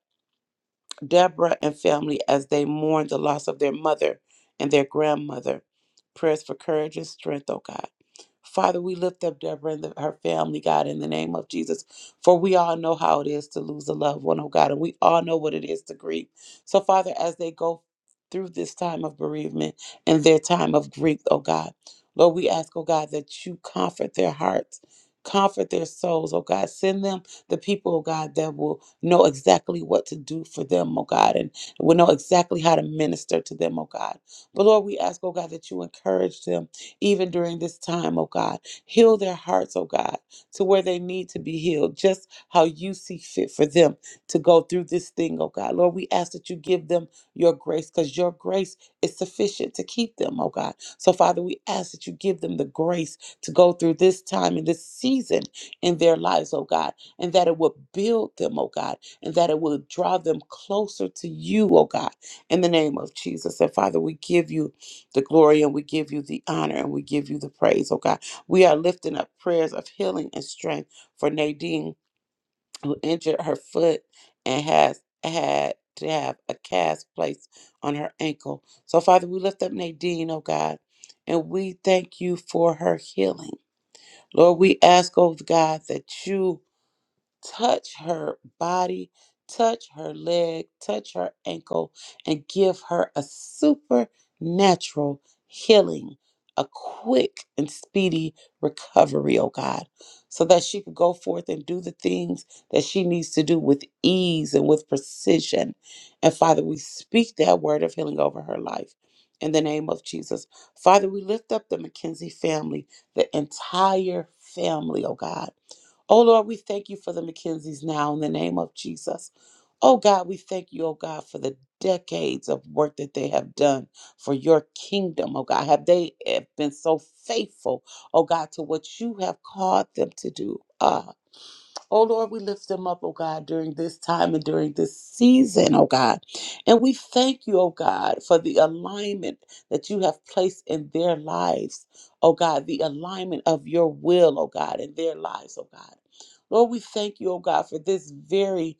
S5: Deborah and family as they mourn the loss of their mother and their grandmother. Prayers for courage and strength, oh God. Father, we lift up Deborah and the, her family, God, in the name of Jesus, for we all know how it is to lose a loved one, oh God, and we all know what it is to grieve. So, Father, as they go through this time of bereavement and their time of grief, oh God, Lord, we ask, oh God, that you comfort their hearts, comfort their souls, oh God. Send them the people, oh God, that will know exactly what to do for them, oh God, and will know exactly how to minister to them, oh God. But Lord, we ask, oh God, that you encourage them even during this time, oh God. Heal their hearts, oh God, to where they need to be healed, just how you see fit for them to go through this thing, oh God. Lord, we ask that you give them your grace because your grace is sufficient to keep them, oh God. So, Father, we ask that you give them the grace to go through this time and this season in their lives, oh God and that it would build them, oh God, and that it would draw them closer to you, oh God, in the name of Jesus. And Father, we give you the glory and we give you the honor and we give you the praise, oh God. We are lifting up prayers of healing and strength for Nadine, who injured her foot and has had to have a cast placed on her ankle. So, Father, we lift up Nadine, oh God, and we thank you for her healing. Lord, we ask, oh God, that you touch her body, touch her leg, touch her ankle, and give her a supernatural healing, a quick and speedy recovery, oh God, so that she could go forth and do the things that she needs to do with ease and with precision. And Father, we speak that word of healing over her life. In the name of Jesus. Father, we lift up the McKenzie family, the entire family, oh God. Oh Lord, we thank you for the McKenzie's now in the name of Jesus. Oh God, we thank you, oh God, for the decades of work that they have done for your kingdom, oh God. Have they have been so faithful, oh God, to what you have called them to do? Ah. Oh Lord, we lift them up, oh God, during this time and during this season, oh God. And we thank you, oh God, for the alignment that you have placed in their lives, oh God, the alignment of your will, oh God, in their lives, oh God. Lord, we thank you, oh God, for this very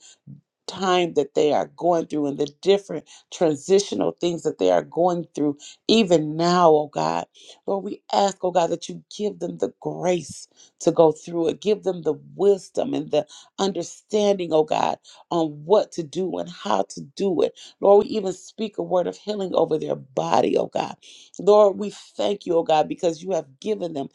S5: time that they are going through and the different transitional things that they are going through, even now, oh God. Lord, we ask, oh God, that you give them the grace to go through it. Give them the wisdom and the understanding, oh God, on what to do and how to do it. Lord, we even speak a word of healing over their body, oh God. Lord, we thank you, oh God, because you have given them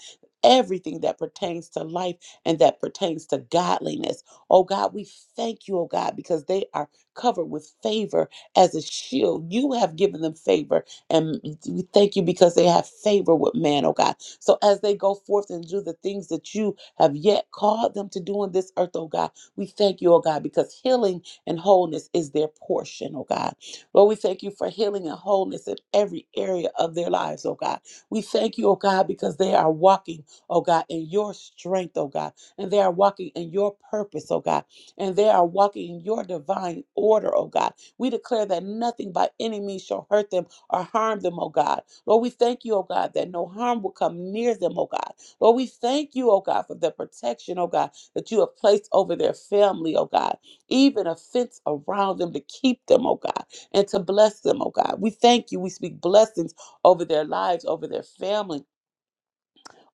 S5: everything that pertains to life and that pertains to godliness. Oh God, we thank you, oh God, because they are covered with favor as a shield. You have given them favor, and we thank you because they have favor with man, oh God. So as they go forth and do the things that you have yet called them to do on this earth, oh God, we thank you, oh God, because healing and wholeness is their portion, oh God. Lord, we thank you for healing and wholeness in every area of their lives, oh God. We thank you, oh God, because they are walking, oh God, in your strength, oh God and they are walking in your purpose, oh God, and they are walking in your divine order, oh God. We declare that nothing by any means shall hurt them or harm them, oh God. Lord, we thank you, oh God, that no harm will come near them, oh God. Lord, we thank you, oh God, for the protection, oh God, that you have placed over their family, oh God, even a fence around them to keep them, oh God, and to bless them, oh God. We thank you. We speak blessings over their lives, over their family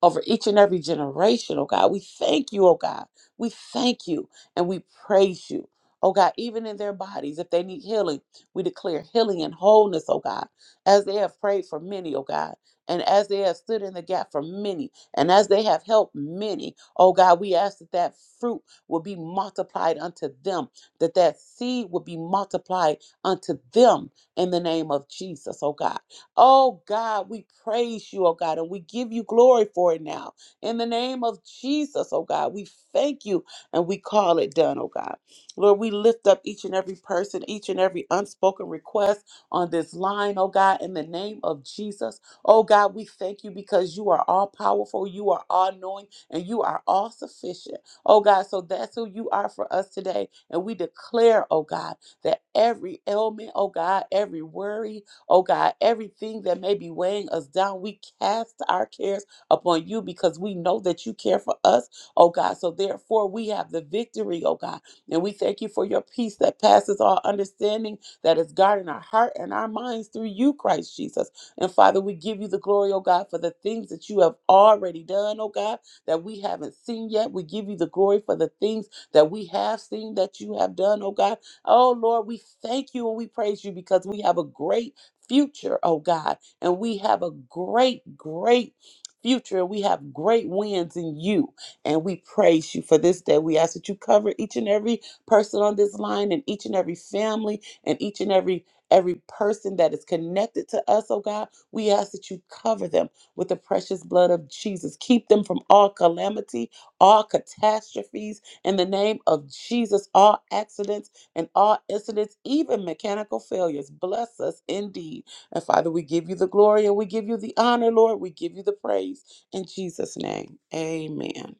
S5: over each and every generation, oh God. We thank you, oh God. We thank you and we praise you. Oh God, even in their bodies, if they need healing, we declare healing and wholeness, oh God, as they have prayed for many, oh God, and as they have stood in the gap for many, and as they have helped many, oh God, we ask that that fruit will be multiplied unto them, that that seed will be multiplied unto them in the name of Jesus, oh God. Oh God, we praise you, oh God, and we give you glory for it now. In the name of Jesus, oh God, we thank you and we call it done, oh God. Lord, we lift up each and every person, each and every unspoken request on this line, oh God, in the name of Jesus. Oh God, we thank you because you are all powerful, you are all knowing, and you are all sufficient. Oh God, so that's who you are for us today. And we declare, oh God, that every ailment, oh God, every worry, Oh God, everything that may be weighing us down, we cast our cares upon you because we know that you care for us, oh God. So therefore, we have the victory, oh God. And we thank you for your peace that passes all understanding that is guarding our heart and our minds through you, Christ Jesus. And Father, we give you the glory, oh God, for the things that you have already done, oh God, that we haven't seen yet. We give you the glory for the things that we have seen that you have done, oh God. Oh Lord, we thank you and we praise you because we have a great future, oh God. And we have a great, great future. We have great wins in you. And we praise you for this day. We ask that you cover each and every person on this line and each and every family and each and every every person that is connected to us, oh God. We ask that you cover them with the precious blood of Jesus. Keep them from all calamity, all catastrophes in the name of Jesus, all accidents and all incidents, even mechanical failures. Bless us indeed. And Father, we give you the glory and we give you the honor, Lord. We give you the praise. In Jesus' name, amen.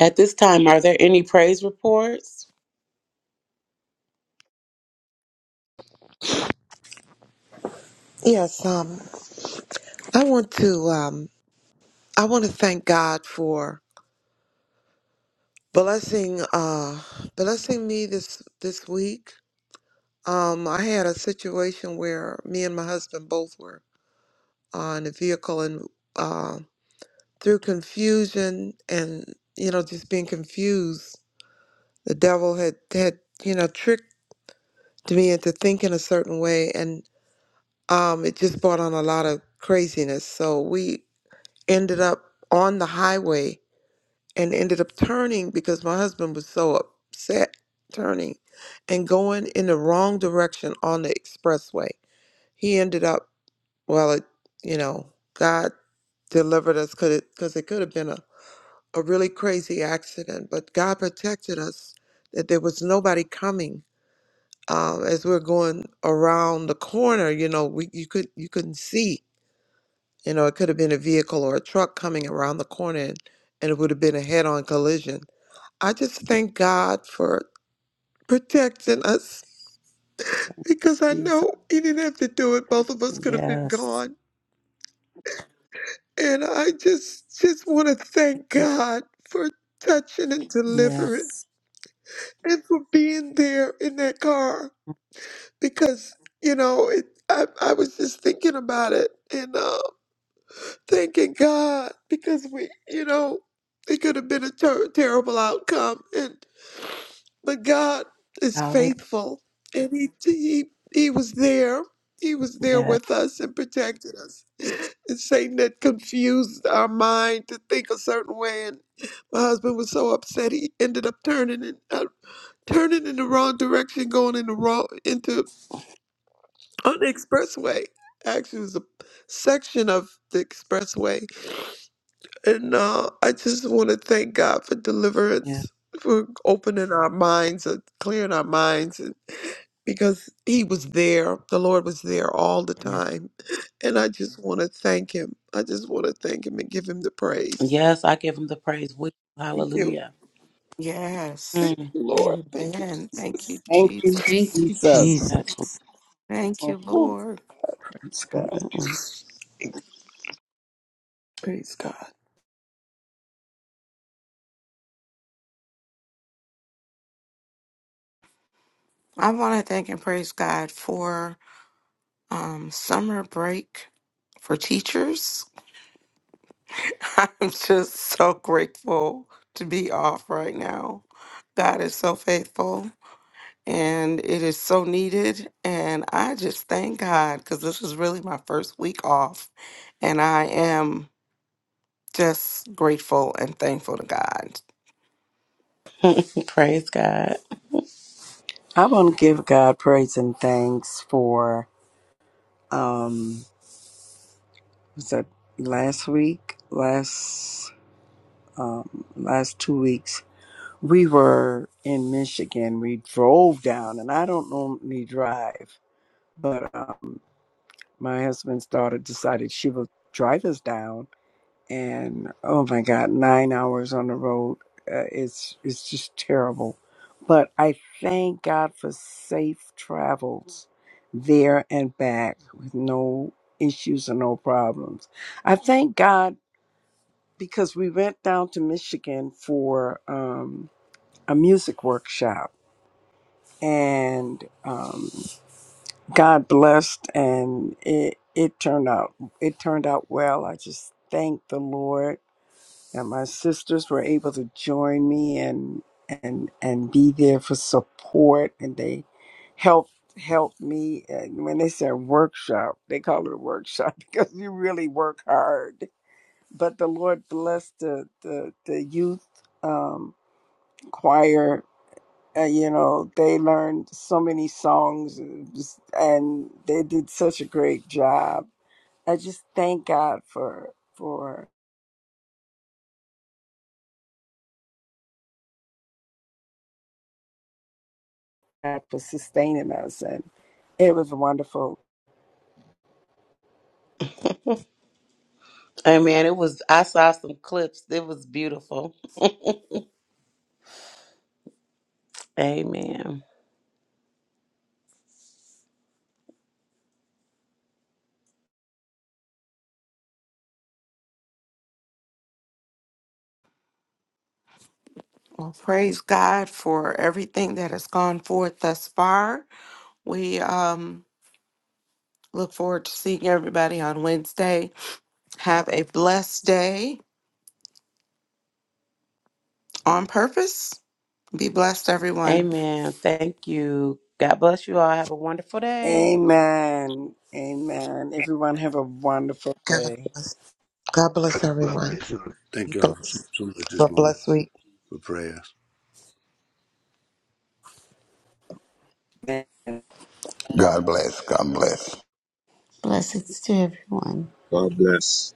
S5: At this time, are there any praise reports?
S4: Yes, um, I want to um, I want to thank God for blessing uh blessing me this this week um i had a situation where me and my husband both were on a vehicle and uh through confusion and you know just being confused the devil had had you know tricked me into thinking a certain way and um it just brought on a lot of craziness so we ended up on the highway and ended up turning because my husband was so upset turning and going in the wrong direction on the expressway. He ended up, well, it, you know, God delivered us because it, 'cause it could have been a, a really crazy accident, but God protected us that there was nobody coming. Um, as we are going around the corner, you know, we you could you couldn't see, you know, it could have been a vehicle or a truck coming around the corner, and, and it would have been a head-on collision I just thank God for protecting us because I
S5: Jesus.
S4: know He didn't have to do it. Both of us could have been
S5: Yes.
S4: gone, and I just just want to thank God for touching and delivering,
S5: Yes.
S4: and for being there in that car because you know it. I, I was just thinking about it and uh, thanking God because we, you know, it could have been a ter- terrible outcome, But God is
S5: Hallelujah.
S4: faithful, and He He He was there. He was there
S5: Yes.
S4: with us and protected us. And Satan had confused our mind to think a certain way, and my husband was so upset he ended up turning in uh, turning in the wrong direction, going in the wrong into on the expressway. Actually, it was a section of the expressway, and uh, I just want to thank God for
S5: Yes.
S4: deliverance, for opening our minds and clearing our minds because he was there. The Lord was there all the
S5: Yes.
S4: time. And I just want to thank him. I just want to thank him and give him the praise.
S5: Yes, I give him the praise. with you.
S4: Thank you,
S5: Hallelujah.
S2: Yes.
S5: Mm.
S4: Lord. Thank you.
S2: Amen. Thank you,
S6: Thank you,
S3: Thank
S2: Jesus.
S3: you,
S6: Jesus.
S5: yes.
S3: Jesus.
S2: Thank
S6: Oh,
S2: you,
S5: Ooh.
S2: Lord.
S6: praise God.
S5: Mm-mm-mm.
S4: Praise God.
S2: I want to thank and praise God for um, summer break for teachers. I'm just so grateful to be off right now. God is so faithful and it is so needed. And I just thank God because this is really my first week off. And I am just grateful and thankful to God.
S5: Praise God.
S6: I want to give God praise and thanks for um was that last week? Last um last two weeks. We were in Michigan. We drove down and I don't normally drive, but um my husband's daughter decided she would drive us down and oh my god, nine hours on the road. Uh, it's it's just terrible. But I thank God for safe travels there and back with no issues and no problems. I thank God because we went down to Michigan for um, a music workshop and um, God blessed and it it turned out it turned out well. I just thank the Lord And my sisters were able to join me and and and be there for support and they helped helped me and when they said workshop they call it a workshop because you really work hard but the lord blessed the the, the youth um choir uh, you know they learned so many songs and just- and they did such a great job i just thank god for for God for sustaining us. And it was wonderful.
S5: Amen. It was, I saw some clips. It was beautiful. Amen.
S2: Well, praise God for everything that has gone forth thus far. We um, look forward to seeing everybody on Wednesday. Have a blessed day on purpose. Be blessed, everyone.
S5: Amen. Thank you. God bless you all. Have a wonderful day.
S6: Amen. Amen. Everyone have a wonderful
S4: God
S6: day.
S4: bless. God bless everyone.
S7: Lovely. So thank
S4: Be
S7: you all so,
S4: blessed.
S7: so much this
S4: Have a
S7: morning
S4: blessed week.
S7: for prayer.
S6: Amen.
S8: God bless. God bless.
S3: Blessings to everyone.
S9: God bless.